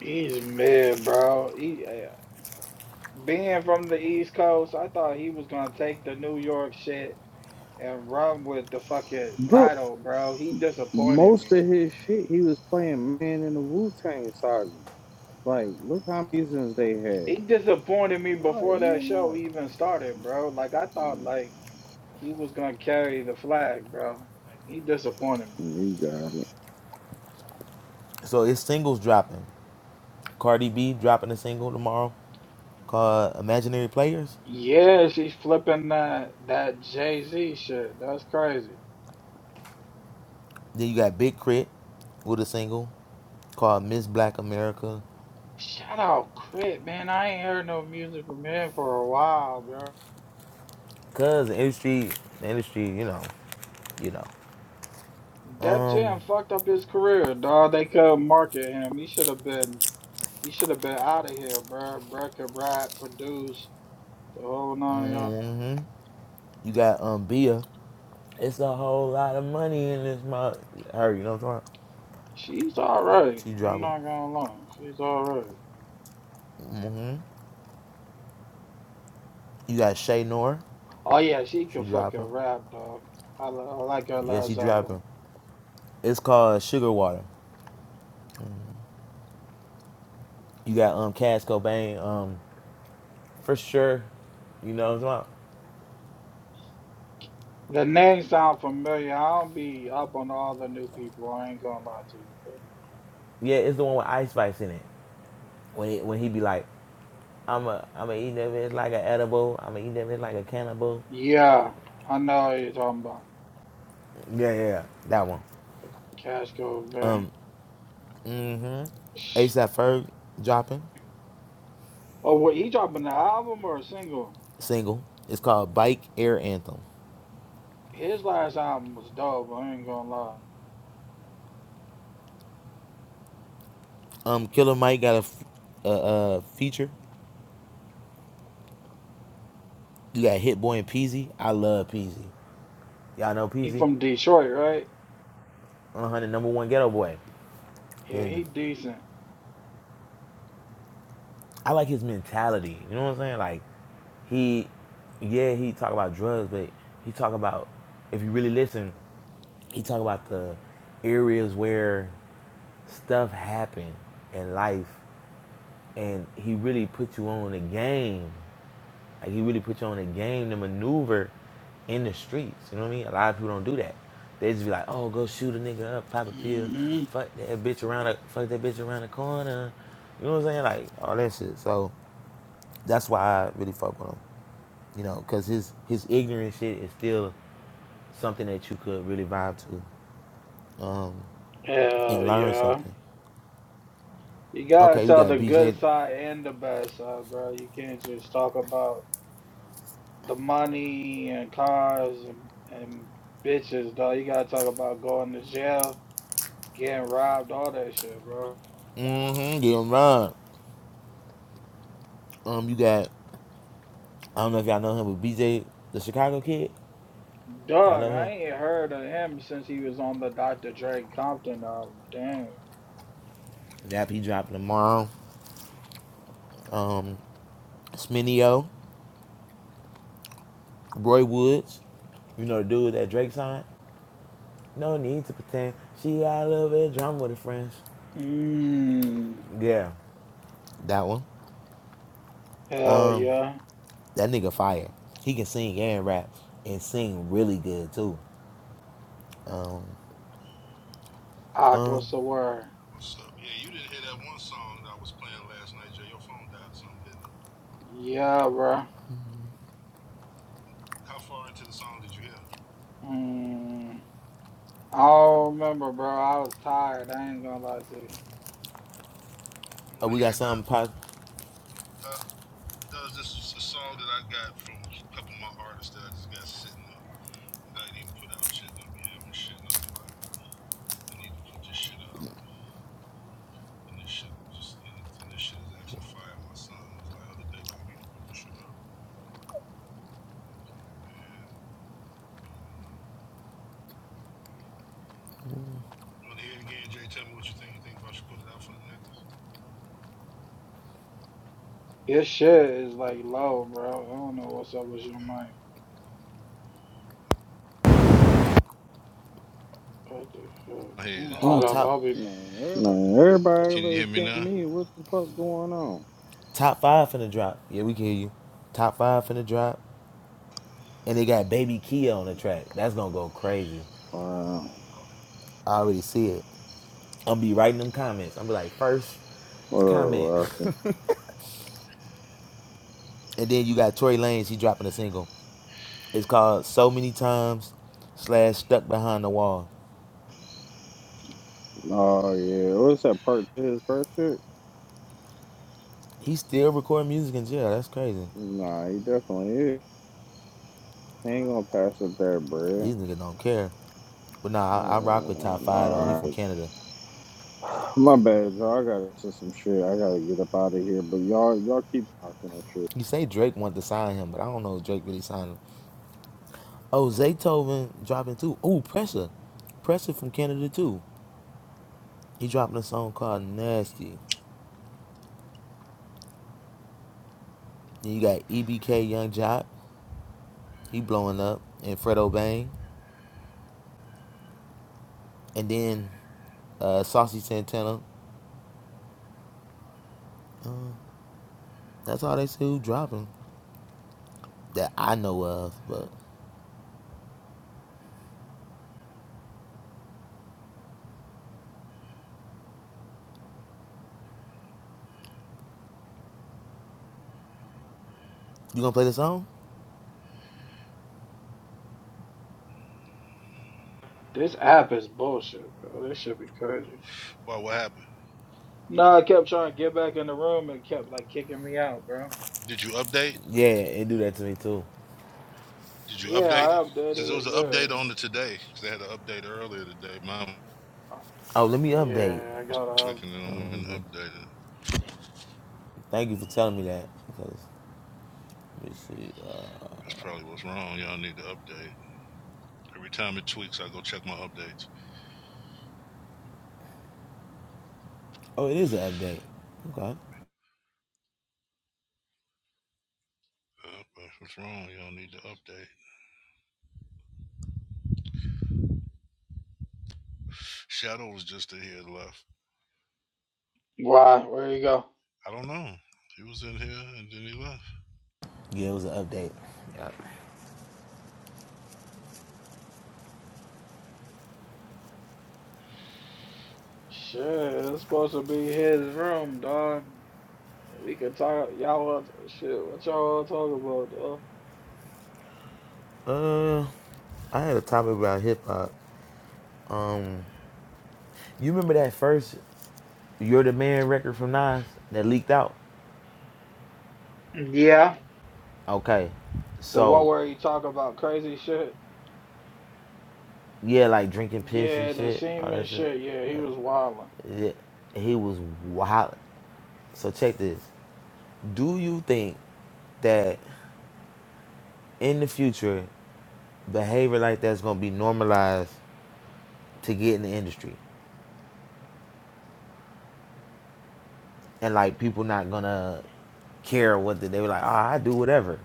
[SPEAKER 5] He's mad, bro. He, eh, being from the East Coast, I thought he was gonna take the New York shit and run with the fucking
[SPEAKER 1] Bro,
[SPEAKER 5] title, bro. He disappointed
[SPEAKER 1] most
[SPEAKER 5] me.
[SPEAKER 1] of his shit, he was playing Man in the Wu Tang Saga. Like, look how many seasons they had.
[SPEAKER 5] He disappointed me
[SPEAKER 1] Like,
[SPEAKER 5] before that
[SPEAKER 1] you're
[SPEAKER 5] show
[SPEAKER 1] not.
[SPEAKER 5] even started, bro. Like I thought like he was gonna carry the flag, bro. Like he disappointed me.
[SPEAKER 1] You got it.
[SPEAKER 6] So his singles dropping. Cardi B dropping a single tomorrow called Imaginary Players.
[SPEAKER 5] Yeah, she's flipping that that Jay Z shit. That's crazy.
[SPEAKER 6] Then you got Big Crit with a single called Miss Black America.
[SPEAKER 5] Shout out Crit, man. I ain't heard no music from him for a while, bro.
[SPEAKER 6] Cause the industry, the industry, you know, you know.
[SPEAKER 5] Def
[SPEAKER 6] Um,
[SPEAKER 5] Jam fucked up his career, dog. They couldn't market him. He should have been he should have been out of here, bro. Bro could rap, produce. The whole nine yards.
[SPEAKER 6] hmm you got um Bia It's a whole lot of money in this mug. Her, you know what I'm talking
[SPEAKER 5] She's all
[SPEAKER 6] about?
[SPEAKER 5] right.
[SPEAKER 6] She
[SPEAKER 5] I'm
[SPEAKER 6] dropping.
[SPEAKER 5] not gonna lie. She's all right.
[SPEAKER 6] hmm You got Shay Nor.
[SPEAKER 5] Oh yeah, she
[SPEAKER 6] She
[SPEAKER 5] can fucking
[SPEAKER 6] dropping.
[SPEAKER 5] rap, dog. I, li- I like her
[SPEAKER 6] Yeah, she
[SPEAKER 5] last album.
[SPEAKER 6] dropping. It's called Sugar Water. You got um Cass Cobain. Um, for sure. You know what I'm talking about?
[SPEAKER 5] The name sound familiar. I don't be up on all the new people. I ain't gonna lie to you. bro.
[SPEAKER 6] Yeah, it's the one with Ice Spice in it. When he, when he be like, I'm a I'm a eat that bitch like an edible. I'm a eat that bitch like a cannibal.
[SPEAKER 5] yeah, I know what you're talking about.
[SPEAKER 6] Yeah, yeah, yeah. that one.
[SPEAKER 5] Fucking Cash Code, man.
[SPEAKER 6] Um, mm-hmm.
[SPEAKER 5] Shh.
[SPEAKER 6] ASAP Ferg dropping
[SPEAKER 5] Oh, what he dropping the album or a single?
[SPEAKER 6] single. It's called Bike Air Anthem.
[SPEAKER 5] His last album was dope. I ain't gonna lie.
[SPEAKER 6] Um, Killer Mike got a a a feature. You got Hit Boy and Peasy. I love Peasy. Y'all know
[SPEAKER 5] He
[SPEAKER 6] Peasy?
[SPEAKER 5] from Detroit, right?
[SPEAKER 6] Uh huh. The number one ghetto boy.
[SPEAKER 5] Yeah,
[SPEAKER 6] Yeah.
[SPEAKER 5] he decent.
[SPEAKER 6] I like his mentality. You know what I'm saying? Like, he, yeah, he talk about drugs, but he talk about if you really listen, he talk about the areas where stuff happen in life, and he really put you on the game Like he really put you on a game to maneuver in the streets. You know what I mean? A lot of people don't do that. They just be like, oh, go shoot a nigga up, pop a pill,
[SPEAKER 5] hmm
[SPEAKER 6] fuck that bitch around the fuck that bitch around the corner. You know what I'm saying? Like all that shit. So that's why I really fuck with him. You know, cause his his ignorant shit is still something that you could really vibe to um, and
[SPEAKER 5] Hell
[SPEAKER 6] learn
[SPEAKER 5] yeah.
[SPEAKER 6] something.
[SPEAKER 5] You gotta
[SPEAKER 6] Okay, you
[SPEAKER 5] tell
[SPEAKER 6] got
[SPEAKER 5] the
[SPEAKER 6] BJ.
[SPEAKER 5] good side and the bad side, bro. You can't just talk about the money and cars and, and bitches, dog. You gotta talk about going to jail, getting robbed, all that shit, bro.
[SPEAKER 6] Mm-hmm. Get him wrong. Um, you got I don't know if y'all know him, but BJ, the Chicago kid. Y'all
[SPEAKER 5] Dog,
[SPEAKER 6] know
[SPEAKER 5] I
[SPEAKER 6] him.
[SPEAKER 5] ain't heard of him since he was on the Dr. Dre Compton album. Damn.
[SPEAKER 6] That be dropping tomorrow. Um, Sminio, Roy Woods, you know the dude that Drake signed. No need to pretend. She got a little bit of drama with her friends.
[SPEAKER 5] Mmm.
[SPEAKER 6] Yeah, that one.
[SPEAKER 5] Hell
[SPEAKER 6] Um,
[SPEAKER 5] yeah.
[SPEAKER 6] that nigga fire. He can sing and rap, and sing really good too. Um,
[SPEAKER 5] Aqua
[SPEAKER 6] um,
[SPEAKER 5] Sawar.
[SPEAKER 7] What's up? Yeah, you didn't hear that one song that I was playing last night, Jay. Your phone died or something, didn't it?
[SPEAKER 5] Yeah, bro.
[SPEAKER 7] How far into the song did you hear?
[SPEAKER 5] Mmm. I don't remember, bro. I was tired. I ain't gonna lie to you.
[SPEAKER 7] You
[SPEAKER 6] oh,
[SPEAKER 7] want to
[SPEAKER 6] we
[SPEAKER 7] hear
[SPEAKER 6] got
[SPEAKER 7] that?
[SPEAKER 6] something pop.
[SPEAKER 7] Huh? Does this is a song that I got from a couple of my artists that I just got sitting up. And I didn't even put out shit, and I'll be having shit, and I'll be like, I need to put this shit out. And this shit just, and, it's, and this shit is actually fire. My son was like other day, like, you need to put this shit out. I was like, man, I don't know. You want to hear it again, Jay? Tell me what you think. You think if I should put it out for them niggas?
[SPEAKER 5] Your shit is like low, bro. I don't know what's up with your mic. What the fuck?
[SPEAKER 7] I hear
[SPEAKER 6] Ooh,
[SPEAKER 7] it.
[SPEAKER 5] Hold up,
[SPEAKER 6] top,
[SPEAKER 5] I'll be.
[SPEAKER 7] Man.
[SPEAKER 1] Man, everybody
[SPEAKER 7] Can you hear
[SPEAKER 1] like
[SPEAKER 7] me
[SPEAKER 1] at
[SPEAKER 7] now?
[SPEAKER 1] me. What the fuck going on?
[SPEAKER 6] top five finna drop. Yeah, we can hear you. Top five finna drop, and they got Baby Kia on the track. That's gonna go crazy.
[SPEAKER 1] Wow.
[SPEAKER 6] I already see it. I'm be writing them comments. I'm be like, first
[SPEAKER 1] What
[SPEAKER 6] comment.
[SPEAKER 1] up, Rocky?
[SPEAKER 6] and then you got Tory Lanez, he dropping a single. It's called So Many Times slash Stuck Behind the Wall.
[SPEAKER 1] Oh, yeah. What's that part to his first shit?
[SPEAKER 6] He still recording music in jail. That's crazy.
[SPEAKER 1] Nah, he definitely is. I ain't gonna pass up that bread.
[SPEAKER 6] These niggas don't care. But nah, I, I rock with
[SPEAKER 1] Uh,
[SPEAKER 6] Top Five though. He
[SPEAKER 1] nah,
[SPEAKER 6] from Canada.
[SPEAKER 1] I, my bad, y'all. I gotta do some shit. I gotta get up out of here. But y'all, y'all keep talking and shit.
[SPEAKER 6] You say Drake wanted to sign him, but I don't know if Drake really signed him. Oh, Zaytoven dropping too. Oh, Pressure. Pressure from Canada too. He dropping a song called Nasty. Then you got EBK Young Jock. He blowing up. And Fredo Bang. And then uh, Saucy Santana. That's all they still dropping that I know of. But you gonna play the song?
[SPEAKER 5] This app is bullshit, bro. This should be crazy.
[SPEAKER 7] Why? What happened?
[SPEAKER 5] Nah, I kept trying to get back in the room and kept like kicking me out, bro.
[SPEAKER 7] Did you update?
[SPEAKER 6] Yeah, it do that to me too.
[SPEAKER 7] Did you
[SPEAKER 5] Yeah,
[SPEAKER 7] update it?
[SPEAKER 5] I
[SPEAKER 7] Because there
[SPEAKER 5] updated
[SPEAKER 7] was
[SPEAKER 5] it.
[SPEAKER 7] an
[SPEAKER 5] Yeah,
[SPEAKER 7] update on it today. Because they had an update earlier today. Mine
[SPEAKER 5] I-
[SPEAKER 6] Oh, let me update.
[SPEAKER 5] yeah, I
[SPEAKER 7] was
[SPEAKER 5] gotta up.
[SPEAKER 7] tweaking and I
[SPEAKER 6] Oh, let
[SPEAKER 7] went
[SPEAKER 6] me
[SPEAKER 7] and updated.
[SPEAKER 6] Thank you for telling me that. Because let me see. Uh,
[SPEAKER 7] That's probably what's wrong. Y'all need to update. Every time it tweaks, I go check my updates.
[SPEAKER 6] oh, it is an update. Okay.
[SPEAKER 7] Uh, what's wrong? Y'all need to update. Shadow was just in here left.
[SPEAKER 5] Why? Where you go?
[SPEAKER 7] I don't know. He was in here and then he left.
[SPEAKER 6] Yeah, it was an update. Yep.
[SPEAKER 5] Shit, it's supposed to be his room, dog. We could talk. Y'all want shit? What y'all want to talk about, dog?
[SPEAKER 6] Uh, I had a topic about hip hop. Um, you remember that first "You're the Man" record from Nas that leaked out?
[SPEAKER 5] Yeah,
[SPEAKER 6] Okay,
[SPEAKER 5] the one
[SPEAKER 6] so
[SPEAKER 5] where you talk about crazy shit.
[SPEAKER 6] yeah, like drinking piss and
[SPEAKER 5] Yeah, the
[SPEAKER 6] shit, all
[SPEAKER 5] Seaman
[SPEAKER 6] that shit.
[SPEAKER 5] shit. Yeah, he was wilding.
[SPEAKER 6] Yeah, he was wild. So check this. Do you think that in the future behavior like that's gonna be normalized to get in the industry, and like people not gonna care what the, they were like? Ah, I do whatever.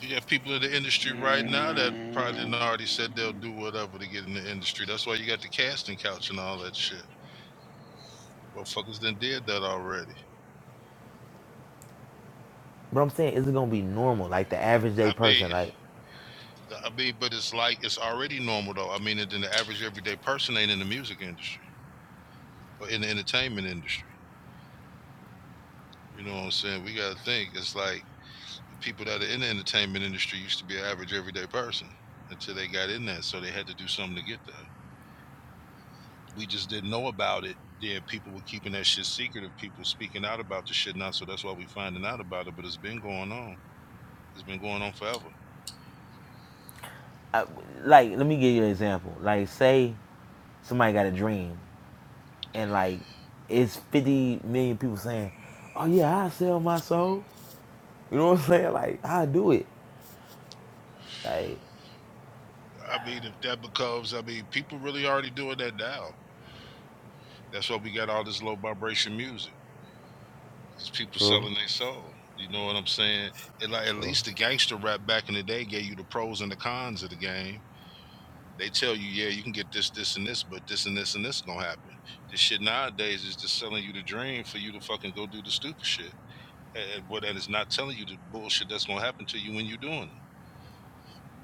[SPEAKER 7] You got people in the industry right now that probably didn't already said they'll
[SPEAKER 5] Mm,
[SPEAKER 7] do whatever to get in the industry. That's why you got the casting couch and all that shit. Motherfuckers done did that already.
[SPEAKER 6] But I'm saying, is it gonna be normal? Like the average day
[SPEAKER 7] I mean,
[SPEAKER 6] person, like,
[SPEAKER 7] Uh, I mean, but it's like it's already normal though. I mean, than the average everyday person ain't in the music industry or in the entertainment industry. You know what I'm saying? We gotta think. It's like the people that are in the entertainment industry used to be an average everyday person until they got in there, so they had to do something to get there. We just didn't know about it. Then people were keeping that shit secret of people speaking out about the shit now, so that's why we finding out about it. But it's been going on. It's been going on forever.
[SPEAKER 6] I, like let me give you an example. Like, say somebody got a dream, and like it's 50 million people saying, "Oh yeah, I sell my soul." You know what I'm saying? Like, I do it. Like,
[SPEAKER 7] I mean, if that becomes, I mean, people really already doing that now. That's why we got all this low vibration music because people
[SPEAKER 6] true,
[SPEAKER 7] selling their soul. You know what I'm saying? And like at
[SPEAKER 6] true.
[SPEAKER 7] least the gangster rap back in the day gave you the pros and the cons of the game. They tell you, yeah, you can get this, this, and this, but this and this and this gonna happen. This shit nowadays is just selling you the dream for you to fucking go do the stupid shit. And what that is not telling you the bullshit that's gonna happen to you when you're doing it.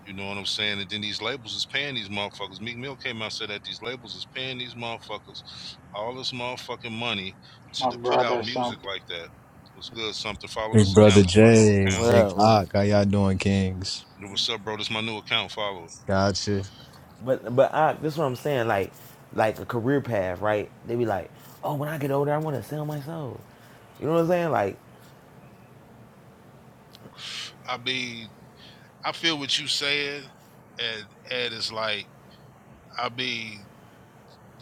[SPEAKER 7] You know what I'm saying? And then these labels is paying these motherfuckers. Meek Mill came out and said that these labels is paying these motherfuckers all this motherfucking money to,
[SPEAKER 5] my
[SPEAKER 7] to put
[SPEAKER 5] brother,
[SPEAKER 7] out music
[SPEAKER 5] something.
[SPEAKER 7] like that. What's good? Something. Follow
[SPEAKER 8] Big
[SPEAKER 7] this
[SPEAKER 8] brother
[SPEAKER 7] account. This my new
[SPEAKER 8] Jay,
[SPEAKER 7] account.
[SPEAKER 8] Big
[SPEAKER 6] Well, well,
[SPEAKER 8] Ock, how y'all doing, Kings?
[SPEAKER 7] Yo, What's up, bro? This my new account. Follow it.
[SPEAKER 8] Gotcha.
[SPEAKER 6] But but I this is what I'm saying, like like a career path, right? They be like, oh, when I get older, I want to sell my soul. You know what I'm saying? Like
[SPEAKER 7] I be. I feel what you saying, and and it's like I be.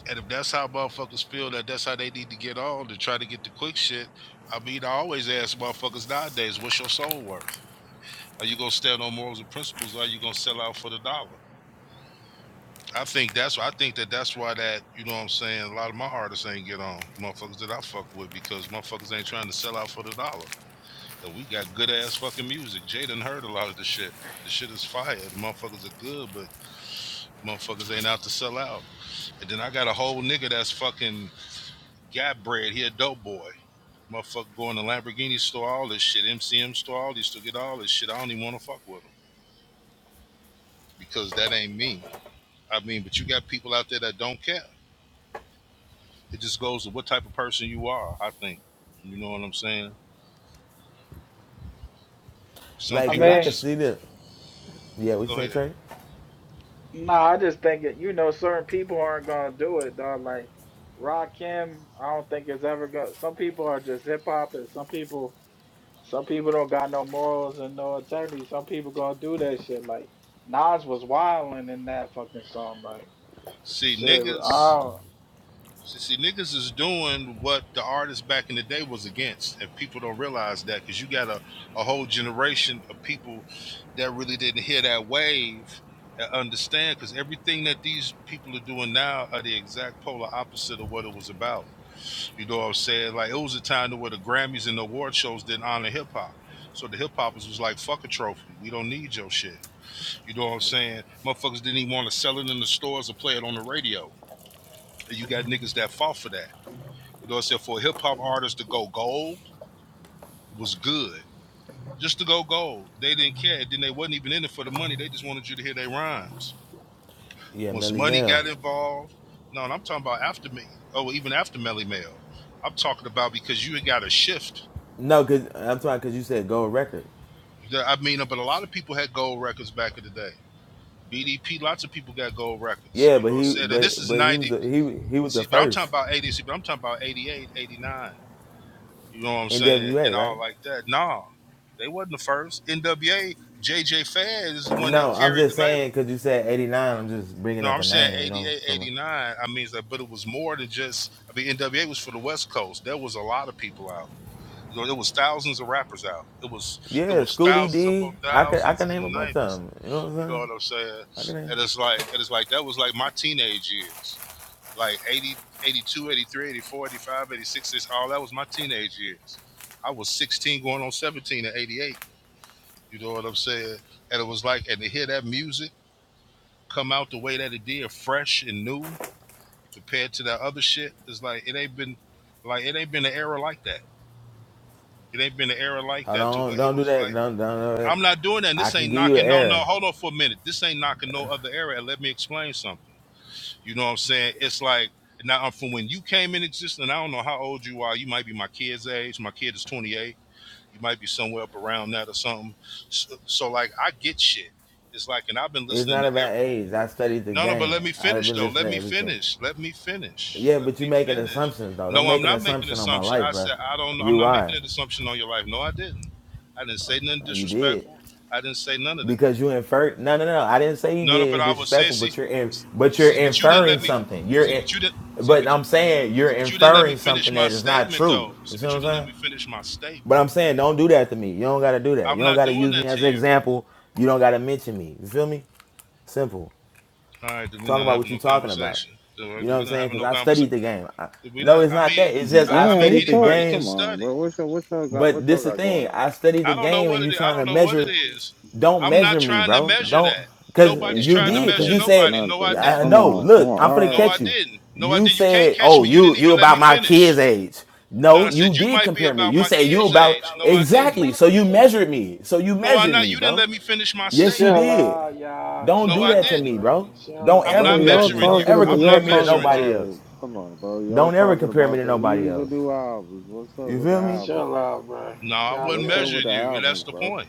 [SPEAKER 7] And if that's how motherfuckers feel that that's how they need to get on to try to get the quick shit, I mean, I always ask motherfuckers nowadays, what's your soul worth? Are you gonna stand on morals and principles, or are you gonna sell out for the dollar? I think that's I think that that's why that you know what I'm saying a lot of my artists ain't get on motherfuckers that I fuck with because motherfuckers ain't trying to sell out for the dollar. And we got good ass fucking music. Jay done heard a lot of the shit. The shit is fire. The motherfuckers are good, but motherfuckers ain't out to sell out. And then I got a whole nigga that's fucking got bread. He a dope boy. Motherfucker going to Lamborghini store, all this shit, MCM store, all these to get all this shit. I don't even want to fuck with him because that ain't me. I mean, but you got people out there that don't care. It just goes to what type of person you are. I think you know what I'm saying. Some
[SPEAKER 5] I
[SPEAKER 6] like cause
[SPEAKER 7] people are
[SPEAKER 6] I could
[SPEAKER 5] mean,
[SPEAKER 7] just
[SPEAKER 6] see this. Yeah, what you
[SPEAKER 7] go
[SPEAKER 6] say,
[SPEAKER 7] ahead.
[SPEAKER 6] Trey?
[SPEAKER 5] nah, I just think it. You know, certain people aren't gonna do it, dog. Like Rakim, I don't think it's ever gonna. Some people are just hip hop, and some people, some people don't got no morals and no integrity. Some people gonna do that shit. Like Nas was wilding in that fucking song. Like
[SPEAKER 7] See
[SPEAKER 5] shit, I
[SPEAKER 7] niggas.
[SPEAKER 5] don't.
[SPEAKER 7] See, see niggas is doing what the artists back in the day was against, and people don't realize that because you got a, a whole generation of people that really didn't hear that wave and understand because everything that these people are doing now are the exact polar opposite of what it was about You know what I'm saying? Like it was a time to where the Grammys and the award shows didn't honor hip hop. So the hip hoppers was like, fuck a trophy. We don't need your shit. You know what I'm saying? Motherfuckers didn't even want to sell it in the stores or play it on the radio. And you got niggas that fought for that. You know what I'm saying? For a hip hop artist to go gold was good. Just to go gold. They didn't care. Then they wasn't even in it for the money. They just wanted you to hear their rhymes.
[SPEAKER 6] Yeah,
[SPEAKER 7] Once
[SPEAKER 6] Melly
[SPEAKER 7] money
[SPEAKER 6] Mel.
[SPEAKER 7] got involved, no, and I'm talking about after me oh, even after Melly Mel. I'm talking about because you got a shift
[SPEAKER 6] No, cause I'm talking cause you said gold record.
[SPEAKER 7] Yeah, I mean, but a lot of people had gold records back in the day. BDP, lots of people got gold records.
[SPEAKER 6] Yeah,
[SPEAKER 7] You know
[SPEAKER 6] but
[SPEAKER 7] what I'm
[SPEAKER 6] he
[SPEAKER 7] saying? Now, This
[SPEAKER 6] but
[SPEAKER 7] is
[SPEAKER 6] but he was
[SPEAKER 7] 90,
[SPEAKER 6] the, he he was the
[SPEAKER 7] see, but I'm talking
[SPEAKER 6] first
[SPEAKER 7] about 80, see, but I'm talking about 88, 89. You know what I'm saying? And
[SPEAKER 6] NWA, right?
[SPEAKER 7] all like that. Nah, they wasn't the first. NWA, JJ Fad is the one that
[SPEAKER 6] No, I'm
[SPEAKER 7] carried the
[SPEAKER 6] just
[SPEAKER 7] label.
[SPEAKER 6] saying cause you said '89. I'm just bringing
[SPEAKER 7] No,
[SPEAKER 6] up
[SPEAKER 7] I'm
[SPEAKER 6] a
[SPEAKER 7] saying
[SPEAKER 6] name, you know,
[SPEAKER 7] 88,
[SPEAKER 6] from. a,
[SPEAKER 7] 89. I mean, it's like, but it was more than just, I mean, NWA was for the West Coast. There was a lot of people out. You know, there was thousands of rappers out. It was it
[SPEAKER 6] Yeah,
[SPEAKER 7] was
[SPEAKER 6] Schoolie
[SPEAKER 7] thousands
[SPEAKER 6] D.
[SPEAKER 7] upon
[SPEAKER 6] I could I
[SPEAKER 7] thousands
[SPEAKER 6] can name a
[SPEAKER 7] in the
[SPEAKER 6] bunch
[SPEAKER 7] 90s.
[SPEAKER 6] of them. You know what I'm
[SPEAKER 7] You know
[SPEAKER 6] saying?
[SPEAKER 7] what I'm saying?
[SPEAKER 6] I can name.
[SPEAKER 7] And it's like, and it's like that was like my teenage years, like eighty, eighty two, eighty three, eighty four, eighty five, eighty six. 82, eighty-three, eighty-four, eighty-five, eighty-six. It's all that was my teenage years. I was 16 going on 17 in 88. You know what I'm saying? And it was like, and to hear that music come out the way that it did, fresh and new compared to that other shit, it's like it ain't been like it ain't been an era like that. It ain't been an era like
[SPEAKER 6] Hold
[SPEAKER 7] that to
[SPEAKER 6] on,
[SPEAKER 7] where it
[SPEAKER 6] don't do
[SPEAKER 7] was
[SPEAKER 6] that.
[SPEAKER 7] like,
[SPEAKER 6] Don't don't do that.
[SPEAKER 7] I'm not doing that. And
[SPEAKER 6] I
[SPEAKER 7] this
[SPEAKER 6] can
[SPEAKER 7] ain't
[SPEAKER 6] give you an
[SPEAKER 7] knocking no no.
[SPEAKER 6] error.
[SPEAKER 7] Hold on for a minute. This ain't knocking no other era. And let me explain something You know what I'm saying? It's like now I'm from when you came in existence. and I don't know how old you are. You might be my kid's age. My kid is 28. You might be somewhere up around that or something. So, so like I get shit. It's like, and I've been
[SPEAKER 6] It's
[SPEAKER 7] listening
[SPEAKER 6] not
[SPEAKER 7] to
[SPEAKER 6] about
[SPEAKER 7] every.
[SPEAKER 6] age. I studied the
[SPEAKER 7] No, no, but
[SPEAKER 6] game.
[SPEAKER 7] let me
[SPEAKER 6] I've
[SPEAKER 7] finish
[SPEAKER 6] been
[SPEAKER 7] though. Let
[SPEAKER 6] listening to
[SPEAKER 7] me
[SPEAKER 6] everything.
[SPEAKER 7] finish. Let me finish.
[SPEAKER 6] Yeah,
[SPEAKER 7] Let
[SPEAKER 6] but you
[SPEAKER 7] me
[SPEAKER 6] making
[SPEAKER 7] finish.
[SPEAKER 6] assumptions though. Don't
[SPEAKER 7] No, I'm
[SPEAKER 6] make an
[SPEAKER 7] not making an
[SPEAKER 6] assumption on my
[SPEAKER 7] assumption.
[SPEAKER 6] life,
[SPEAKER 7] I
[SPEAKER 6] bro.
[SPEAKER 7] said I don't. I'm
[SPEAKER 6] You
[SPEAKER 7] not
[SPEAKER 6] are.
[SPEAKER 7] making an assumption on your life. No, I didn't. I didn't say nothing
[SPEAKER 6] You did
[SPEAKER 7] disrespectful. I didn't say none of that.
[SPEAKER 6] because you inferred. No, no, no. I didn't say you
[SPEAKER 7] No, no,
[SPEAKER 6] did
[SPEAKER 7] but
[SPEAKER 6] anything
[SPEAKER 7] I was saying,
[SPEAKER 6] disrespectful,
[SPEAKER 7] see,
[SPEAKER 6] but you're in, but you're
[SPEAKER 7] see, but you didn't
[SPEAKER 6] inferring
[SPEAKER 7] let me.
[SPEAKER 6] something. You're
[SPEAKER 7] See,
[SPEAKER 6] in,
[SPEAKER 7] but you didn't. See,
[SPEAKER 6] but
[SPEAKER 7] but
[SPEAKER 6] I'm saying you're
[SPEAKER 7] See, but you didn't let me
[SPEAKER 6] inferring
[SPEAKER 7] finish
[SPEAKER 6] something
[SPEAKER 7] my
[SPEAKER 6] that is not
[SPEAKER 7] statement,
[SPEAKER 6] true.
[SPEAKER 7] though.
[SPEAKER 6] You
[SPEAKER 7] See,
[SPEAKER 6] see
[SPEAKER 7] but
[SPEAKER 6] what
[SPEAKER 7] you
[SPEAKER 6] I'm
[SPEAKER 7] didn't let
[SPEAKER 6] saying?
[SPEAKER 7] me finish my
[SPEAKER 6] But
[SPEAKER 7] statement.
[SPEAKER 6] I'm saying, don't do that to me. You don't gotta do that. You
[SPEAKER 7] I'm
[SPEAKER 6] don't
[SPEAKER 7] not
[SPEAKER 6] gotta
[SPEAKER 7] doing
[SPEAKER 6] use me
[SPEAKER 7] that to
[SPEAKER 6] as an
[SPEAKER 7] you.
[SPEAKER 6] example. You don't gotta mention me. You feel me? Simple.
[SPEAKER 7] All right, did we
[SPEAKER 6] Talk
[SPEAKER 7] not
[SPEAKER 6] about
[SPEAKER 7] have
[SPEAKER 6] what
[SPEAKER 7] no
[SPEAKER 6] you're talking about.
[SPEAKER 7] conversation? Do
[SPEAKER 6] You know
[SPEAKER 7] do
[SPEAKER 6] what
[SPEAKER 7] we
[SPEAKER 6] I'm
[SPEAKER 7] not
[SPEAKER 6] saying?
[SPEAKER 7] have
[SPEAKER 6] Because
[SPEAKER 7] no
[SPEAKER 6] I studied
[SPEAKER 7] conversation?
[SPEAKER 6] the game. I,
[SPEAKER 7] Did we
[SPEAKER 6] no,
[SPEAKER 7] not?
[SPEAKER 6] it's
[SPEAKER 7] I
[SPEAKER 6] not that.
[SPEAKER 7] mean,
[SPEAKER 6] It's just I
[SPEAKER 7] I, I
[SPEAKER 1] Damn,
[SPEAKER 7] mean,
[SPEAKER 6] studied
[SPEAKER 1] what
[SPEAKER 6] the
[SPEAKER 1] y'all?
[SPEAKER 7] anybody can
[SPEAKER 1] Come
[SPEAKER 6] game.
[SPEAKER 1] on,
[SPEAKER 7] study.
[SPEAKER 1] bro. What y'all? What y'all got?
[SPEAKER 6] But
[SPEAKER 1] What y'all
[SPEAKER 6] this the
[SPEAKER 1] got going
[SPEAKER 6] thing.
[SPEAKER 1] on?
[SPEAKER 6] I studied the
[SPEAKER 7] I don't know
[SPEAKER 6] game,
[SPEAKER 7] what
[SPEAKER 6] and
[SPEAKER 7] it
[SPEAKER 6] you
[SPEAKER 7] is. I
[SPEAKER 6] trying
[SPEAKER 7] don't
[SPEAKER 6] to
[SPEAKER 7] know what it
[SPEAKER 6] measure.
[SPEAKER 7] is.
[SPEAKER 6] Don't
[SPEAKER 7] I'm not
[SPEAKER 6] measure me,
[SPEAKER 7] trying to
[SPEAKER 6] bro.
[SPEAKER 7] measure
[SPEAKER 6] Don't,
[SPEAKER 7] that.
[SPEAKER 6] cause
[SPEAKER 7] Nobody's
[SPEAKER 1] It's
[SPEAKER 6] you
[SPEAKER 7] trying to
[SPEAKER 1] not
[SPEAKER 6] did,
[SPEAKER 1] that.
[SPEAKER 6] cause
[SPEAKER 7] measure
[SPEAKER 6] you
[SPEAKER 1] It's
[SPEAKER 6] said,
[SPEAKER 7] nobody.
[SPEAKER 1] not
[SPEAKER 7] No, I
[SPEAKER 1] that.
[SPEAKER 6] uh,
[SPEAKER 7] didn't.
[SPEAKER 1] Come
[SPEAKER 6] no.
[SPEAKER 1] on, come
[SPEAKER 6] Look,
[SPEAKER 1] on.
[SPEAKER 6] I'm finna
[SPEAKER 1] All
[SPEAKER 7] No, I
[SPEAKER 1] right,
[SPEAKER 6] catch you.
[SPEAKER 7] didn't. No, I
[SPEAKER 6] You
[SPEAKER 7] didn't. You can't
[SPEAKER 6] said,
[SPEAKER 7] catch
[SPEAKER 6] oh,
[SPEAKER 7] me. You
[SPEAKER 6] you
[SPEAKER 7] didn't
[SPEAKER 6] you
[SPEAKER 7] even let
[SPEAKER 6] about
[SPEAKER 7] me
[SPEAKER 6] my kid's
[SPEAKER 7] finish.
[SPEAKER 6] age.
[SPEAKER 7] No,
[SPEAKER 6] No,
[SPEAKER 7] I said
[SPEAKER 6] you
[SPEAKER 7] you
[SPEAKER 6] did
[SPEAKER 7] might be
[SPEAKER 6] compare me.
[SPEAKER 7] about
[SPEAKER 6] You
[SPEAKER 7] my
[SPEAKER 6] said you
[SPEAKER 7] kids'
[SPEAKER 6] about
[SPEAKER 7] age. No, I didn't.
[SPEAKER 6] exactly. So you measured me. So you
[SPEAKER 7] No, I
[SPEAKER 6] measured
[SPEAKER 7] not.
[SPEAKER 6] me,
[SPEAKER 7] You didn't
[SPEAKER 6] bro.
[SPEAKER 7] let me finish my
[SPEAKER 6] Yes, you
[SPEAKER 7] statement.
[SPEAKER 5] Chill
[SPEAKER 6] did.
[SPEAKER 5] out, y'all.
[SPEAKER 6] Don't
[SPEAKER 7] No,
[SPEAKER 6] do
[SPEAKER 5] Chill
[SPEAKER 7] I
[SPEAKER 6] that to
[SPEAKER 5] out,
[SPEAKER 7] didn't.
[SPEAKER 6] me,
[SPEAKER 5] bro.
[SPEAKER 6] bro.
[SPEAKER 5] Chill
[SPEAKER 6] Don't
[SPEAKER 7] I'm
[SPEAKER 5] out.
[SPEAKER 6] ever
[SPEAKER 1] bro.
[SPEAKER 6] do
[SPEAKER 7] not
[SPEAKER 6] that to
[SPEAKER 1] Y'all
[SPEAKER 6] me.
[SPEAKER 5] Chill
[SPEAKER 7] measuring
[SPEAKER 6] Don't
[SPEAKER 5] out.
[SPEAKER 7] you.
[SPEAKER 1] talking
[SPEAKER 6] ever
[SPEAKER 1] about?
[SPEAKER 7] I'm
[SPEAKER 1] Y'all
[SPEAKER 7] not
[SPEAKER 6] compare me to
[SPEAKER 1] talking
[SPEAKER 7] measuring
[SPEAKER 1] about?
[SPEAKER 6] nobody
[SPEAKER 7] you.
[SPEAKER 6] else.
[SPEAKER 1] It. Come on, bro. Y'all
[SPEAKER 6] Don't ever
[SPEAKER 1] talking
[SPEAKER 6] compare me
[SPEAKER 1] about
[SPEAKER 6] to
[SPEAKER 1] the
[SPEAKER 6] nobody
[SPEAKER 1] even
[SPEAKER 6] else.
[SPEAKER 1] new albums? What's up
[SPEAKER 6] You
[SPEAKER 1] with the
[SPEAKER 6] feel me?
[SPEAKER 1] albums?
[SPEAKER 5] Chill out, bro.
[SPEAKER 7] No, I
[SPEAKER 5] Y'all
[SPEAKER 7] wasn't
[SPEAKER 1] What's
[SPEAKER 5] good.
[SPEAKER 1] up with
[SPEAKER 7] measuring
[SPEAKER 1] the
[SPEAKER 7] you, and that's
[SPEAKER 1] albums,
[SPEAKER 7] the
[SPEAKER 1] bro?
[SPEAKER 7] point.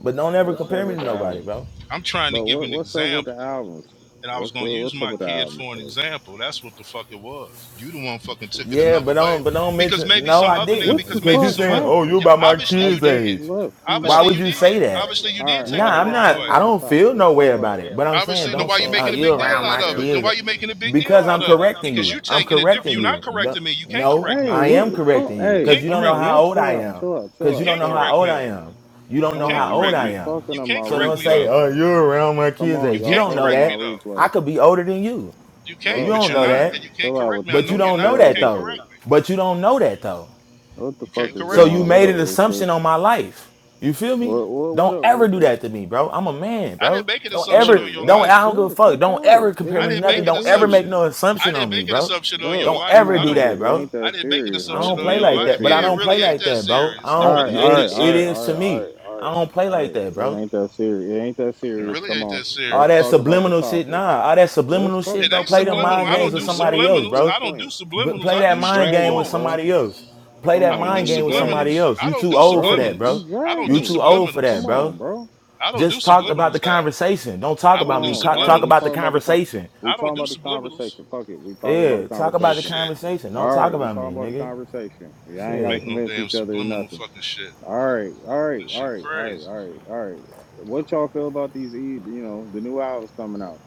[SPEAKER 6] But don't ever
[SPEAKER 1] What's up
[SPEAKER 6] compare me
[SPEAKER 1] with
[SPEAKER 6] to
[SPEAKER 1] the
[SPEAKER 6] nobody,
[SPEAKER 1] albums?
[SPEAKER 6] bro.
[SPEAKER 7] I'm trying to
[SPEAKER 1] But
[SPEAKER 7] give
[SPEAKER 1] what
[SPEAKER 7] an
[SPEAKER 1] what's up with the
[SPEAKER 7] example,
[SPEAKER 1] albums?
[SPEAKER 7] and I was
[SPEAKER 1] What's
[SPEAKER 7] gonna
[SPEAKER 1] what,
[SPEAKER 7] use
[SPEAKER 1] what's up
[SPEAKER 7] my
[SPEAKER 1] with the
[SPEAKER 7] kid
[SPEAKER 1] albums
[SPEAKER 7] for an
[SPEAKER 1] though?
[SPEAKER 7] example. That's what the fuck it was. You the one fucking took it
[SPEAKER 6] Yeah,
[SPEAKER 7] another
[SPEAKER 6] but
[SPEAKER 7] way,
[SPEAKER 6] don't but don't
[SPEAKER 7] because
[SPEAKER 6] mention.
[SPEAKER 7] maybe
[SPEAKER 6] No,
[SPEAKER 7] some
[SPEAKER 6] I
[SPEAKER 7] other nigga,
[SPEAKER 1] What the
[SPEAKER 6] didn't.
[SPEAKER 7] because
[SPEAKER 6] Cause
[SPEAKER 7] maybe
[SPEAKER 6] you
[SPEAKER 1] fuck
[SPEAKER 7] some
[SPEAKER 6] saying,
[SPEAKER 7] other,
[SPEAKER 6] oh,
[SPEAKER 1] happened?
[SPEAKER 6] you
[SPEAKER 7] yeah,
[SPEAKER 6] about my
[SPEAKER 7] obviously
[SPEAKER 1] I
[SPEAKER 7] you
[SPEAKER 6] kids'
[SPEAKER 1] just
[SPEAKER 7] did.
[SPEAKER 6] age.
[SPEAKER 1] left. Come back.
[SPEAKER 6] Why
[SPEAKER 7] Obviously
[SPEAKER 6] would
[SPEAKER 7] you
[SPEAKER 6] you say
[SPEAKER 7] did.
[SPEAKER 6] that?
[SPEAKER 7] Obviously you
[SPEAKER 1] All
[SPEAKER 7] did
[SPEAKER 1] right,
[SPEAKER 7] take
[SPEAKER 1] all
[SPEAKER 7] it
[SPEAKER 1] right.
[SPEAKER 6] Nah,
[SPEAKER 7] the
[SPEAKER 6] I'm
[SPEAKER 1] Let's
[SPEAKER 7] wrong
[SPEAKER 1] talk
[SPEAKER 6] not.
[SPEAKER 7] way.
[SPEAKER 6] I
[SPEAKER 1] about the
[SPEAKER 6] don't
[SPEAKER 1] topic.
[SPEAKER 6] feel
[SPEAKER 1] Let's
[SPEAKER 6] no way
[SPEAKER 1] talk about
[SPEAKER 6] about it. But I'm saying,
[SPEAKER 7] Obviously, then
[SPEAKER 6] don't
[SPEAKER 1] let's
[SPEAKER 7] why you
[SPEAKER 6] say,
[SPEAKER 1] talk
[SPEAKER 6] oh,
[SPEAKER 7] making
[SPEAKER 1] about
[SPEAKER 7] a
[SPEAKER 1] the
[SPEAKER 6] you
[SPEAKER 7] big deal
[SPEAKER 6] around
[SPEAKER 1] topic,
[SPEAKER 7] out
[SPEAKER 6] my
[SPEAKER 7] of
[SPEAKER 1] bro.
[SPEAKER 7] it? Then why
[SPEAKER 6] kids,
[SPEAKER 7] you making a big deal
[SPEAKER 6] because
[SPEAKER 7] out
[SPEAKER 6] I'm
[SPEAKER 7] of it?
[SPEAKER 6] correcting
[SPEAKER 7] Because
[SPEAKER 6] you.
[SPEAKER 7] you
[SPEAKER 6] I'm
[SPEAKER 7] taking it different.
[SPEAKER 6] correcting
[SPEAKER 7] You're not
[SPEAKER 6] you. Don't-
[SPEAKER 7] correcting me. You can't
[SPEAKER 6] No,
[SPEAKER 7] correct
[SPEAKER 1] Hey,
[SPEAKER 7] me.
[SPEAKER 6] I
[SPEAKER 1] what,
[SPEAKER 6] am
[SPEAKER 1] what-
[SPEAKER 7] You
[SPEAKER 1] come,
[SPEAKER 6] correcting you,
[SPEAKER 1] Hey,
[SPEAKER 6] cause
[SPEAKER 7] can't
[SPEAKER 6] you
[SPEAKER 1] come
[SPEAKER 6] don't know
[SPEAKER 7] correct
[SPEAKER 1] on,
[SPEAKER 7] me.
[SPEAKER 6] how
[SPEAKER 1] y'all.
[SPEAKER 6] old I
[SPEAKER 1] Chill out,
[SPEAKER 6] am.
[SPEAKER 1] chill out, chill
[SPEAKER 7] You
[SPEAKER 6] Cause you
[SPEAKER 1] out,
[SPEAKER 6] don't
[SPEAKER 7] can't
[SPEAKER 6] know
[SPEAKER 1] chill
[SPEAKER 6] how
[SPEAKER 1] out,
[SPEAKER 7] correct
[SPEAKER 6] old I
[SPEAKER 7] me.
[SPEAKER 1] chill out.
[SPEAKER 6] am. You don't
[SPEAKER 7] You
[SPEAKER 1] Come
[SPEAKER 6] know
[SPEAKER 7] can't
[SPEAKER 1] on,
[SPEAKER 6] how old
[SPEAKER 7] correct
[SPEAKER 1] you
[SPEAKER 6] I
[SPEAKER 1] you
[SPEAKER 7] me.
[SPEAKER 6] am.
[SPEAKER 1] fucking
[SPEAKER 7] You
[SPEAKER 1] up my
[SPEAKER 7] can't
[SPEAKER 6] So
[SPEAKER 7] correct
[SPEAKER 6] don't
[SPEAKER 7] me
[SPEAKER 6] say,
[SPEAKER 1] replay.
[SPEAKER 7] though.
[SPEAKER 6] oh, you're around my
[SPEAKER 1] Come
[SPEAKER 6] kids'
[SPEAKER 1] on,
[SPEAKER 7] You
[SPEAKER 6] age. You
[SPEAKER 1] y'all
[SPEAKER 7] can't
[SPEAKER 6] don't
[SPEAKER 1] fucking
[SPEAKER 6] know
[SPEAKER 1] up
[SPEAKER 7] correct
[SPEAKER 1] my
[SPEAKER 7] me
[SPEAKER 6] that.
[SPEAKER 7] though.
[SPEAKER 6] I
[SPEAKER 1] replay,
[SPEAKER 6] could be older than you.
[SPEAKER 7] You
[SPEAKER 6] And
[SPEAKER 7] can't,
[SPEAKER 6] you
[SPEAKER 1] bro.
[SPEAKER 7] but
[SPEAKER 6] don't
[SPEAKER 7] you're
[SPEAKER 1] Come
[SPEAKER 6] know
[SPEAKER 7] not,
[SPEAKER 6] that.
[SPEAKER 1] on,
[SPEAKER 7] and you can't
[SPEAKER 1] chill out
[SPEAKER 7] correct
[SPEAKER 1] with
[SPEAKER 7] me. I
[SPEAKER 1] this
[SPEAKER 6] But you
[SPEAKER 7] know
[SPEAKER 1] shit.
[SPEAKER 7] you're
[SPEAKER 6] don't
[SPEAKER 7] not,
[SPEAKER 6] know
[SPEAKER 1] Chill
[SPEAKER 7] and
[SPEAKER 1] out
[SPEAKER 7] you
[SPEAKER 1] with
[SPEAKER 6] that
[SPEAKER 7] can't
[SPEAKER 1] this
[SPEAKER 6] though.
[SPEAKER 1] shit.
[SPEAKER 7] correct me.
[SPEAKER 6] But you don't know that though.
[SPEAKER 1] What the
[SPEAKER 7] You
[SPEAKER 1] fuck
[SPEAKER 7] can't
[SPEAKER 1] is
[SPEAKER 6] So
[SPEAKER 7] correct me.
[SPEAKER 1] going
[SPEAKER 6] you
[SPEAKER 1] on? What
[SPEAKER 6] made
[SPEAKER 1] up,
[SPEAKER 6] an
[SPEAKER 1] Ruthless?
[SPEAKER 6] assumption on my life. You feel me?
[SPEAKER 1] What what, what
[SPEAKER 6] Don't
[SPEAKER 1] up,
[SPEAKER 6] ever do
[SPEAKER 1] Ruthless?
[SPEAKER 6] that to me, bro. I'm a man,
[SPEAKER 7] I didn't
[SPEAKER 6] bro.
[SPEAKER 7] make an
[SPEAKER 6] Don't
[SPEAKER 7] assumption
[SPEAKER 6] ever,
[SPEAKER 7] on
[SPEAKER 1] Bro,
[SPEAKER 7] your
[SPEAKER 6] don't,
[SPEAKER 1] y'all
[SPEAKER 6] I
[SPEAKER 7] life.
[SPEAKER 6] don't give
[SPEAKER 1] chill
[SPEAKER 6] a
[SPEAKER 1] the
[SPEAKER 6] fuck.
[SPEAKER 1] fuck
[SPEAKER 6] Don't ever
[SPEAKER 1] out. It
[SPEAKER 6] compare
[SPEAKER 7] I
[SPEAKER 6] me to
[SPEAKER 1] ain't
[SPEAKER 7] didn't
[SPEAKER 6] nothing.
[SPEAKER 7] make
[SPEAKER 1] that
[SPEAKER 7] an
[SPEAKER 6] Don't ever make
[SPEAKER 7] assumption.
[SPEAKER 6] no
[SPEAKER 1] serious.
[SPEAKER 7] I
[SPEAKER 6] assumption
[SPEAKER 7] didn't
[SPEAKER 6] on me,
[SPEAKER 7] make an
[SPEAKER 6] bro.
[SPEAKER 7] assumption on your
[SPEAKER 1] Bro,
[SPEAKER 6] Don't
[SPEAKER 7] life.
[SPEAKER 1] come
[SPEAKER 6] ever
[SPEAKER 7] I
[SPEAKER 1] on.
[SPEAKER 6] do
[SPEAKER 7] don't.
[SPEAKER 1] It,
[SPEAKER 6] that,
[SPEAKER 1] it
[SPEAKER 6] bro.
[SPEAKER 1] ain't
[SPEAKER 7] I
[SPEAKER 1] that
[SPEAKER 7] didn't make an
[SPEAKER 1] serious,
[SPEAKER 6] I
[SPEAKER 1] bro.
[SPEAKER 7] assumption
[SPEAKER 6] don't
[SPEAKER 1] It
[SPEAKER 7] on
[SPEAKER 6] play
[SPEAKER 1] ain't
[SPEAKER 7] your
[SPEAKER 6] like
[SPEAKER 1] that
[SPEAKER 7] life.
[SPEAKER 6] that, but I
[SPEAKER 7] Yeah, it
[SPEAKER 6] don't
[SPEAKER 1] serious.
[SPEAKER 6] play
[SPEAKER 7] really ain't
[SPEAKER 6] like
[SPEAKER 7] that
[SPEAKER 6] that, bro. I
[SPEAKER 7] serious. It
[SPEAKER 1] All
[SPEAKER 6] don't,
[SPEAKER 1] right,
[SPEAKER 7] really ain't
[SPEAKER 1] all
[SPEAKER 6] it,
[SPEAKER 7] that
[SPEAKER 1] right,
[SPEAKER 6] it
[SPEAKER 1] all right,
[SPEAKER 6] is
[SPEAKER 1] all
[SPEAKER 6] to
[SPEAKER 7] serious.
[SPEAKER 1] right, all
[SPEAKER 6] me.
[SPEAKER 1] right, all
[SPEAKER 6] I
[SPEAKER 1] right.
[SPEAKER 6] don't play
[SPEAKER 1] All
[SPEAKER 6] like
[SPEAKER 1] right.
[SPEAKER 6] that,
[SPEAKER 1] It
[SPEAKER 6] bro.
[SPEAKER 1] ain't that serious. It ain't that
[SPEAKER 7] It
[SPEAKER 6] Nah.
[SPEAKER 1] serious.
[SPEAKER 7] really
[SPEAKER 1] Come
[SPEAKER 7] ain't
[SPEAKER 1] on.
[SPEAKER 7] that
[SPEAKER 6] All
[SPEAKER 1] Let's
[SPEAKER 6] that
[SPEAKER 7] serious.
[SPEAKER 1] talk about the
[SPEAKER 6] subliminal shit,
[SPEAKER 1] topic.
[SPEAKER 6] nah. All that
[SPEAKER 1] Let's
[SPEAKER 6] subliminal
[SPEAKER 1] talk. ab-
[SPEAKER 6] shit,
[SPEAKER 7] It
[SPEAKER 6] bro.
[SPEAKER 7] ain't
[SPEAKER 6] Play
[SPEAKER 1] Come
[SPEAKER 6] them
[SPEAKER 1] on,
[SPEAKER 7] subliminal.
[SPEAKER 6] mind
[SPEAKER 7] I
[SPEAKER 1] bro.
[SPEAKER 6] games
[SPEAKER 7] don't
[SPEAKER 6] with
[SPEAKER 7] do
[SPEAKER 1] You
[SPEAKER 6] somebody
[SPEAKER 1] dragging it
[SPEAKER 6] else,
[SPEAKER 1] at
[SPEAKER 7] subliminals.
[SPEAKER 1] this
[SPEAKER 7] I
[SPEAKER 6] bro.
[SPEAKER 7] don't do
[SPEAKER 1] point.
[SPEAKER 6] But
[SPEAKER 7] subliminals.
[SPEAKER 6] play
[SPEAKER 7] I
[SPEAKER 6] that
[SPEAKER 7] do
[SPEAKER 1] You
[SPEAKER 6] mind game
[SPEAKER 1] dragging
[SPEAKER 6] with
[SPEAKER 1] it,
[SPEAKER 7] straightforward.
[SPEAKER 1] bro.
[SPEAKER 6] somebody else. Play
[SPEAKER 1] Come
[SPEAKER 6] that
[SPEAKER 7] I
[SPEAKER 1] on,
[SPEAKER 7] don't do
[SPEAKER 1] man.
[SPEAKER 6] mind
[SPEAKER 1] You
[SPEAKER 6] game with
[SPEAKER 1] dragging
[SPEAKER 6] somebody
[SPEAKER 7] subliminals.
[SPEAKER 1] it.
[SPEAKER 6] else.
[SPEAKER 7] I
[SPEAKER 6] You
[SPEAKER 7] don't
[SPEAKER 6] too
[SPEAKER 7] do
[SPEAKER 6] old for that,
[SPEAKER 1] Bro, you
[SPEAKER 6] bro.
[SPEAKER 7] subliminals. I don't
[SPEAKER 1] dragging
[SPEAKER 6] You
[SPEAKER 7] do
[SPEAKER 1] it.
[SPEAKER 6] too
[SPEAKER 1] What?
[SPEAKER 6] old for
[SPEAKER 7] subliminals.
[SPEAKER 1] Come
[SPEAKER 6] that, bro.
[SPEAKER 1] on, bro.
[SPEAKER 7] I don't do
[SPEAKER 6] Just talk about
[SPEAKER 7] subliminals,
[SPEAKER 6] the
[SPEAKER 7] Dad.
[SPEAKER 6] conversation. Don't talk
[SPEAKER 7] I
[SPEAKER 1] Come
[SPEAKER 7] don't
[SPEAKER 6] about
[SPEAKER 7] do
[SPEAKER 6] me.
[SPEAKER 1] on.
[SPEAKER 6] Co-
[SPEAKER 1] All right.
[SPEAKER 6] Talk
[SPEAKER 1] We
[SPEAKER 7] subliminals.
[SPEAKER 6] about the
[SPEAKER 1] talking about the con.
[SPEAKER 6] conversation.
[SPEAKER 1] We
[SPEAKER 7] I don't
[SPEAKER 1] talking
[SPEAKER 7] do
[SPEAKER 1] about the
[SPEAKER 7] subliminals.
[SPEAKER 1] conversation. Fuck it. We talking about the
[SPEAKER 6] Yeah, talk about the
[SPEAKER 1] conversation.
[SPEAKER 7] Shit.
[SPEAKER 6] conversation. Don't
[SPEAKER 1] All
[SPEAKER 6] talk
[SPEAKER 1] right, we
[SPEAKER 6] about me,
[SPEAKER 1] talking about the
[SPEAKER 6] nigga.
[SPEAKER 1] conversation. Yeah,
[SPEAKER 7] I
[SPEAKER 1] I ain't
[SPEAKER 7] don't
[SPEAKER 1] gotta
[SPEAKER 7] make
[SPEAKER 6] Shit.
[SPEAKER 7] no
[SPEAKER 1] convince
[SPEAKER 7] damn
[SPEAKER 1] each other to
[SPEAKER 7] subliminal
[SPEAKER 1] nothing.
[SPEAKER 7] fucking shit.
[SPEAKER 1] All right, all right,
[SPEAKER 7] This
[SPEAKER 1] all
[SPEAKER 7] shit
[SPEAKER 1] right, all right,
[SPEAKER 7] crazy.
[SPEAKER 1] all right, all right. What y'all feel about these? E- You know, the new albums coming out.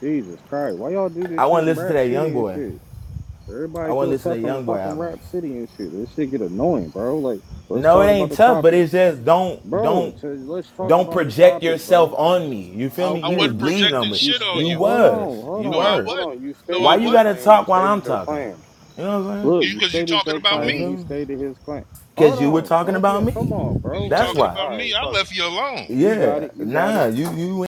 [SPEAKER 1] Jesus Christ, why y'all do this
[SPEAKER 6] I
[SPEAKER 1] shit
[SPEAKER 6] want to
[SPEAKER 1] in
[SPEAKER 6] listen to
[SPEAKER 1] Rap
[SPEAKER 6] that young
[SPEAKER 1] City and
[SPEAKER 6] boy.
[SPEAKER 1] shit? Everybody
[SPEAKER 6] I want to
[SPEAKER 1] feel
[SPEAKER 6] listen to
[SPEAKER 1] tough
[SPEAKER 6] the
[SPEAKER 1] in
[SPEAKER 6] young boy
[SPEAKER 1] fucking
[SPEAKER 6] album.
[SPEAKER 1] Rap City and shit. This shit get annoying, bro. Like, let's
[SPEAKER 6] No, it
[SPEAKER 1] talk about
[SPEAKER 6] ain't
[SPEAKER 1] the
[SPEAKER 6] tough, but
[SPEAKER 1] topic,
[SPEAKER 6] it's just don't
[SPEAKER 1] bro.
[SPEAKER 6] don't
[SPEAKER 1] t- let's talk
[SPEAKER 6] don't
[SPEAKER 1] about the
[SPEAKER 6] project
[SPEAKER 1] topic, bro.
[SPEAKER 6] yourself on me. You feel me?
[SPEAKER 7] I
[SPEAKER 6] He
[SPEAKER 1] Okay,
[SPEAKER 6] was
[SPEAKER 7] wasn't
[SPEAKER 1] you s-
[SPEAKER 6] bleeding
[SPEAKER 7] projecting
[SPEAKER 6] on me.
[SPEAKER 1] you
[SPEAKER 7] shit on
[SPEAKER 1] stay.
[SPEAKER 6] You
[SPEAKER 7] you.
[SPEAKER 1] Hold
[SPEAKER 6] was.
[SPEAKER 1] on, hold
[SPEAKER 6] You
[SPEAKER 7] No, I
[SPEAKER 1] on,
[SPEAKER 6] were.
[SPEAKER 1] hold
[SPEAKER 7] wasn't.
[SPEAKER 1] on. You
[SPEAKER 7] No, I
[SPEAKER 6] Why
[SPEAKER 1] stated
[SPEAKER 6] you
[SPEAKER 1] your
[SPEAKER 7] wasn't.
[SPEAKER 6] gotta
[SPEAKER 1] claim. You
[SPEAKER 6] talk while
[SPEAKER 1] stated
[SPEAKER 6] I'm
[SPEAKER 1] your
[SPEAKER 6] talking?
[SPEAKER 1] claim.
[SPEAKER 6] You know what I'm saying?
[SPEAKER 1] Look,
[SPEAKER 7] Because you
[SPEAKER 1] you
[SPEAKER 7] 'cause you
[SPEAKER 1] stated
[SPEAKER 7] talking
[SPEAKER 1] your
[SPEAKER 7] about
[SPEAKER 6] I
[SPEAKER 1] claim.
[SPEAKER 6] feel
[SPEAKER 7] me.
[SPEAKER 1] He
[SPEAKER 6] me?
[SPEAKER 1] stated his claim. Hold
[SPEAKER 6] Cause you were
[SPEAKER 1] on,
[SPEAKER 6] talking
[SPEAKER 1] both of
[SPEAKER 6] about
[SPEAKER 1] you. Come
[SPEAKER 6] me.
[SPEAKER 1] on,
[SPEAKER 7] Because
[SPEAKER 1] bro.
[SPEAKER 7] you
[SPEAKER 6] That's
[SPEAKER 1] Like,
[SPEAKER 7] talking
[SPEAKER 6] why.
[SPEAKER 7] about
[SPEAKER 1] all right,
[SPEAKER 7] me. I
[SPEAKER 1] fuck it.
[SPEAKER 7] left you alone.
[SPEAKER 1] You got
[SPEAKER 6] Yeah.
[SPEAKER 1] it. You got it.
[SPEAKER 6] Nah, you you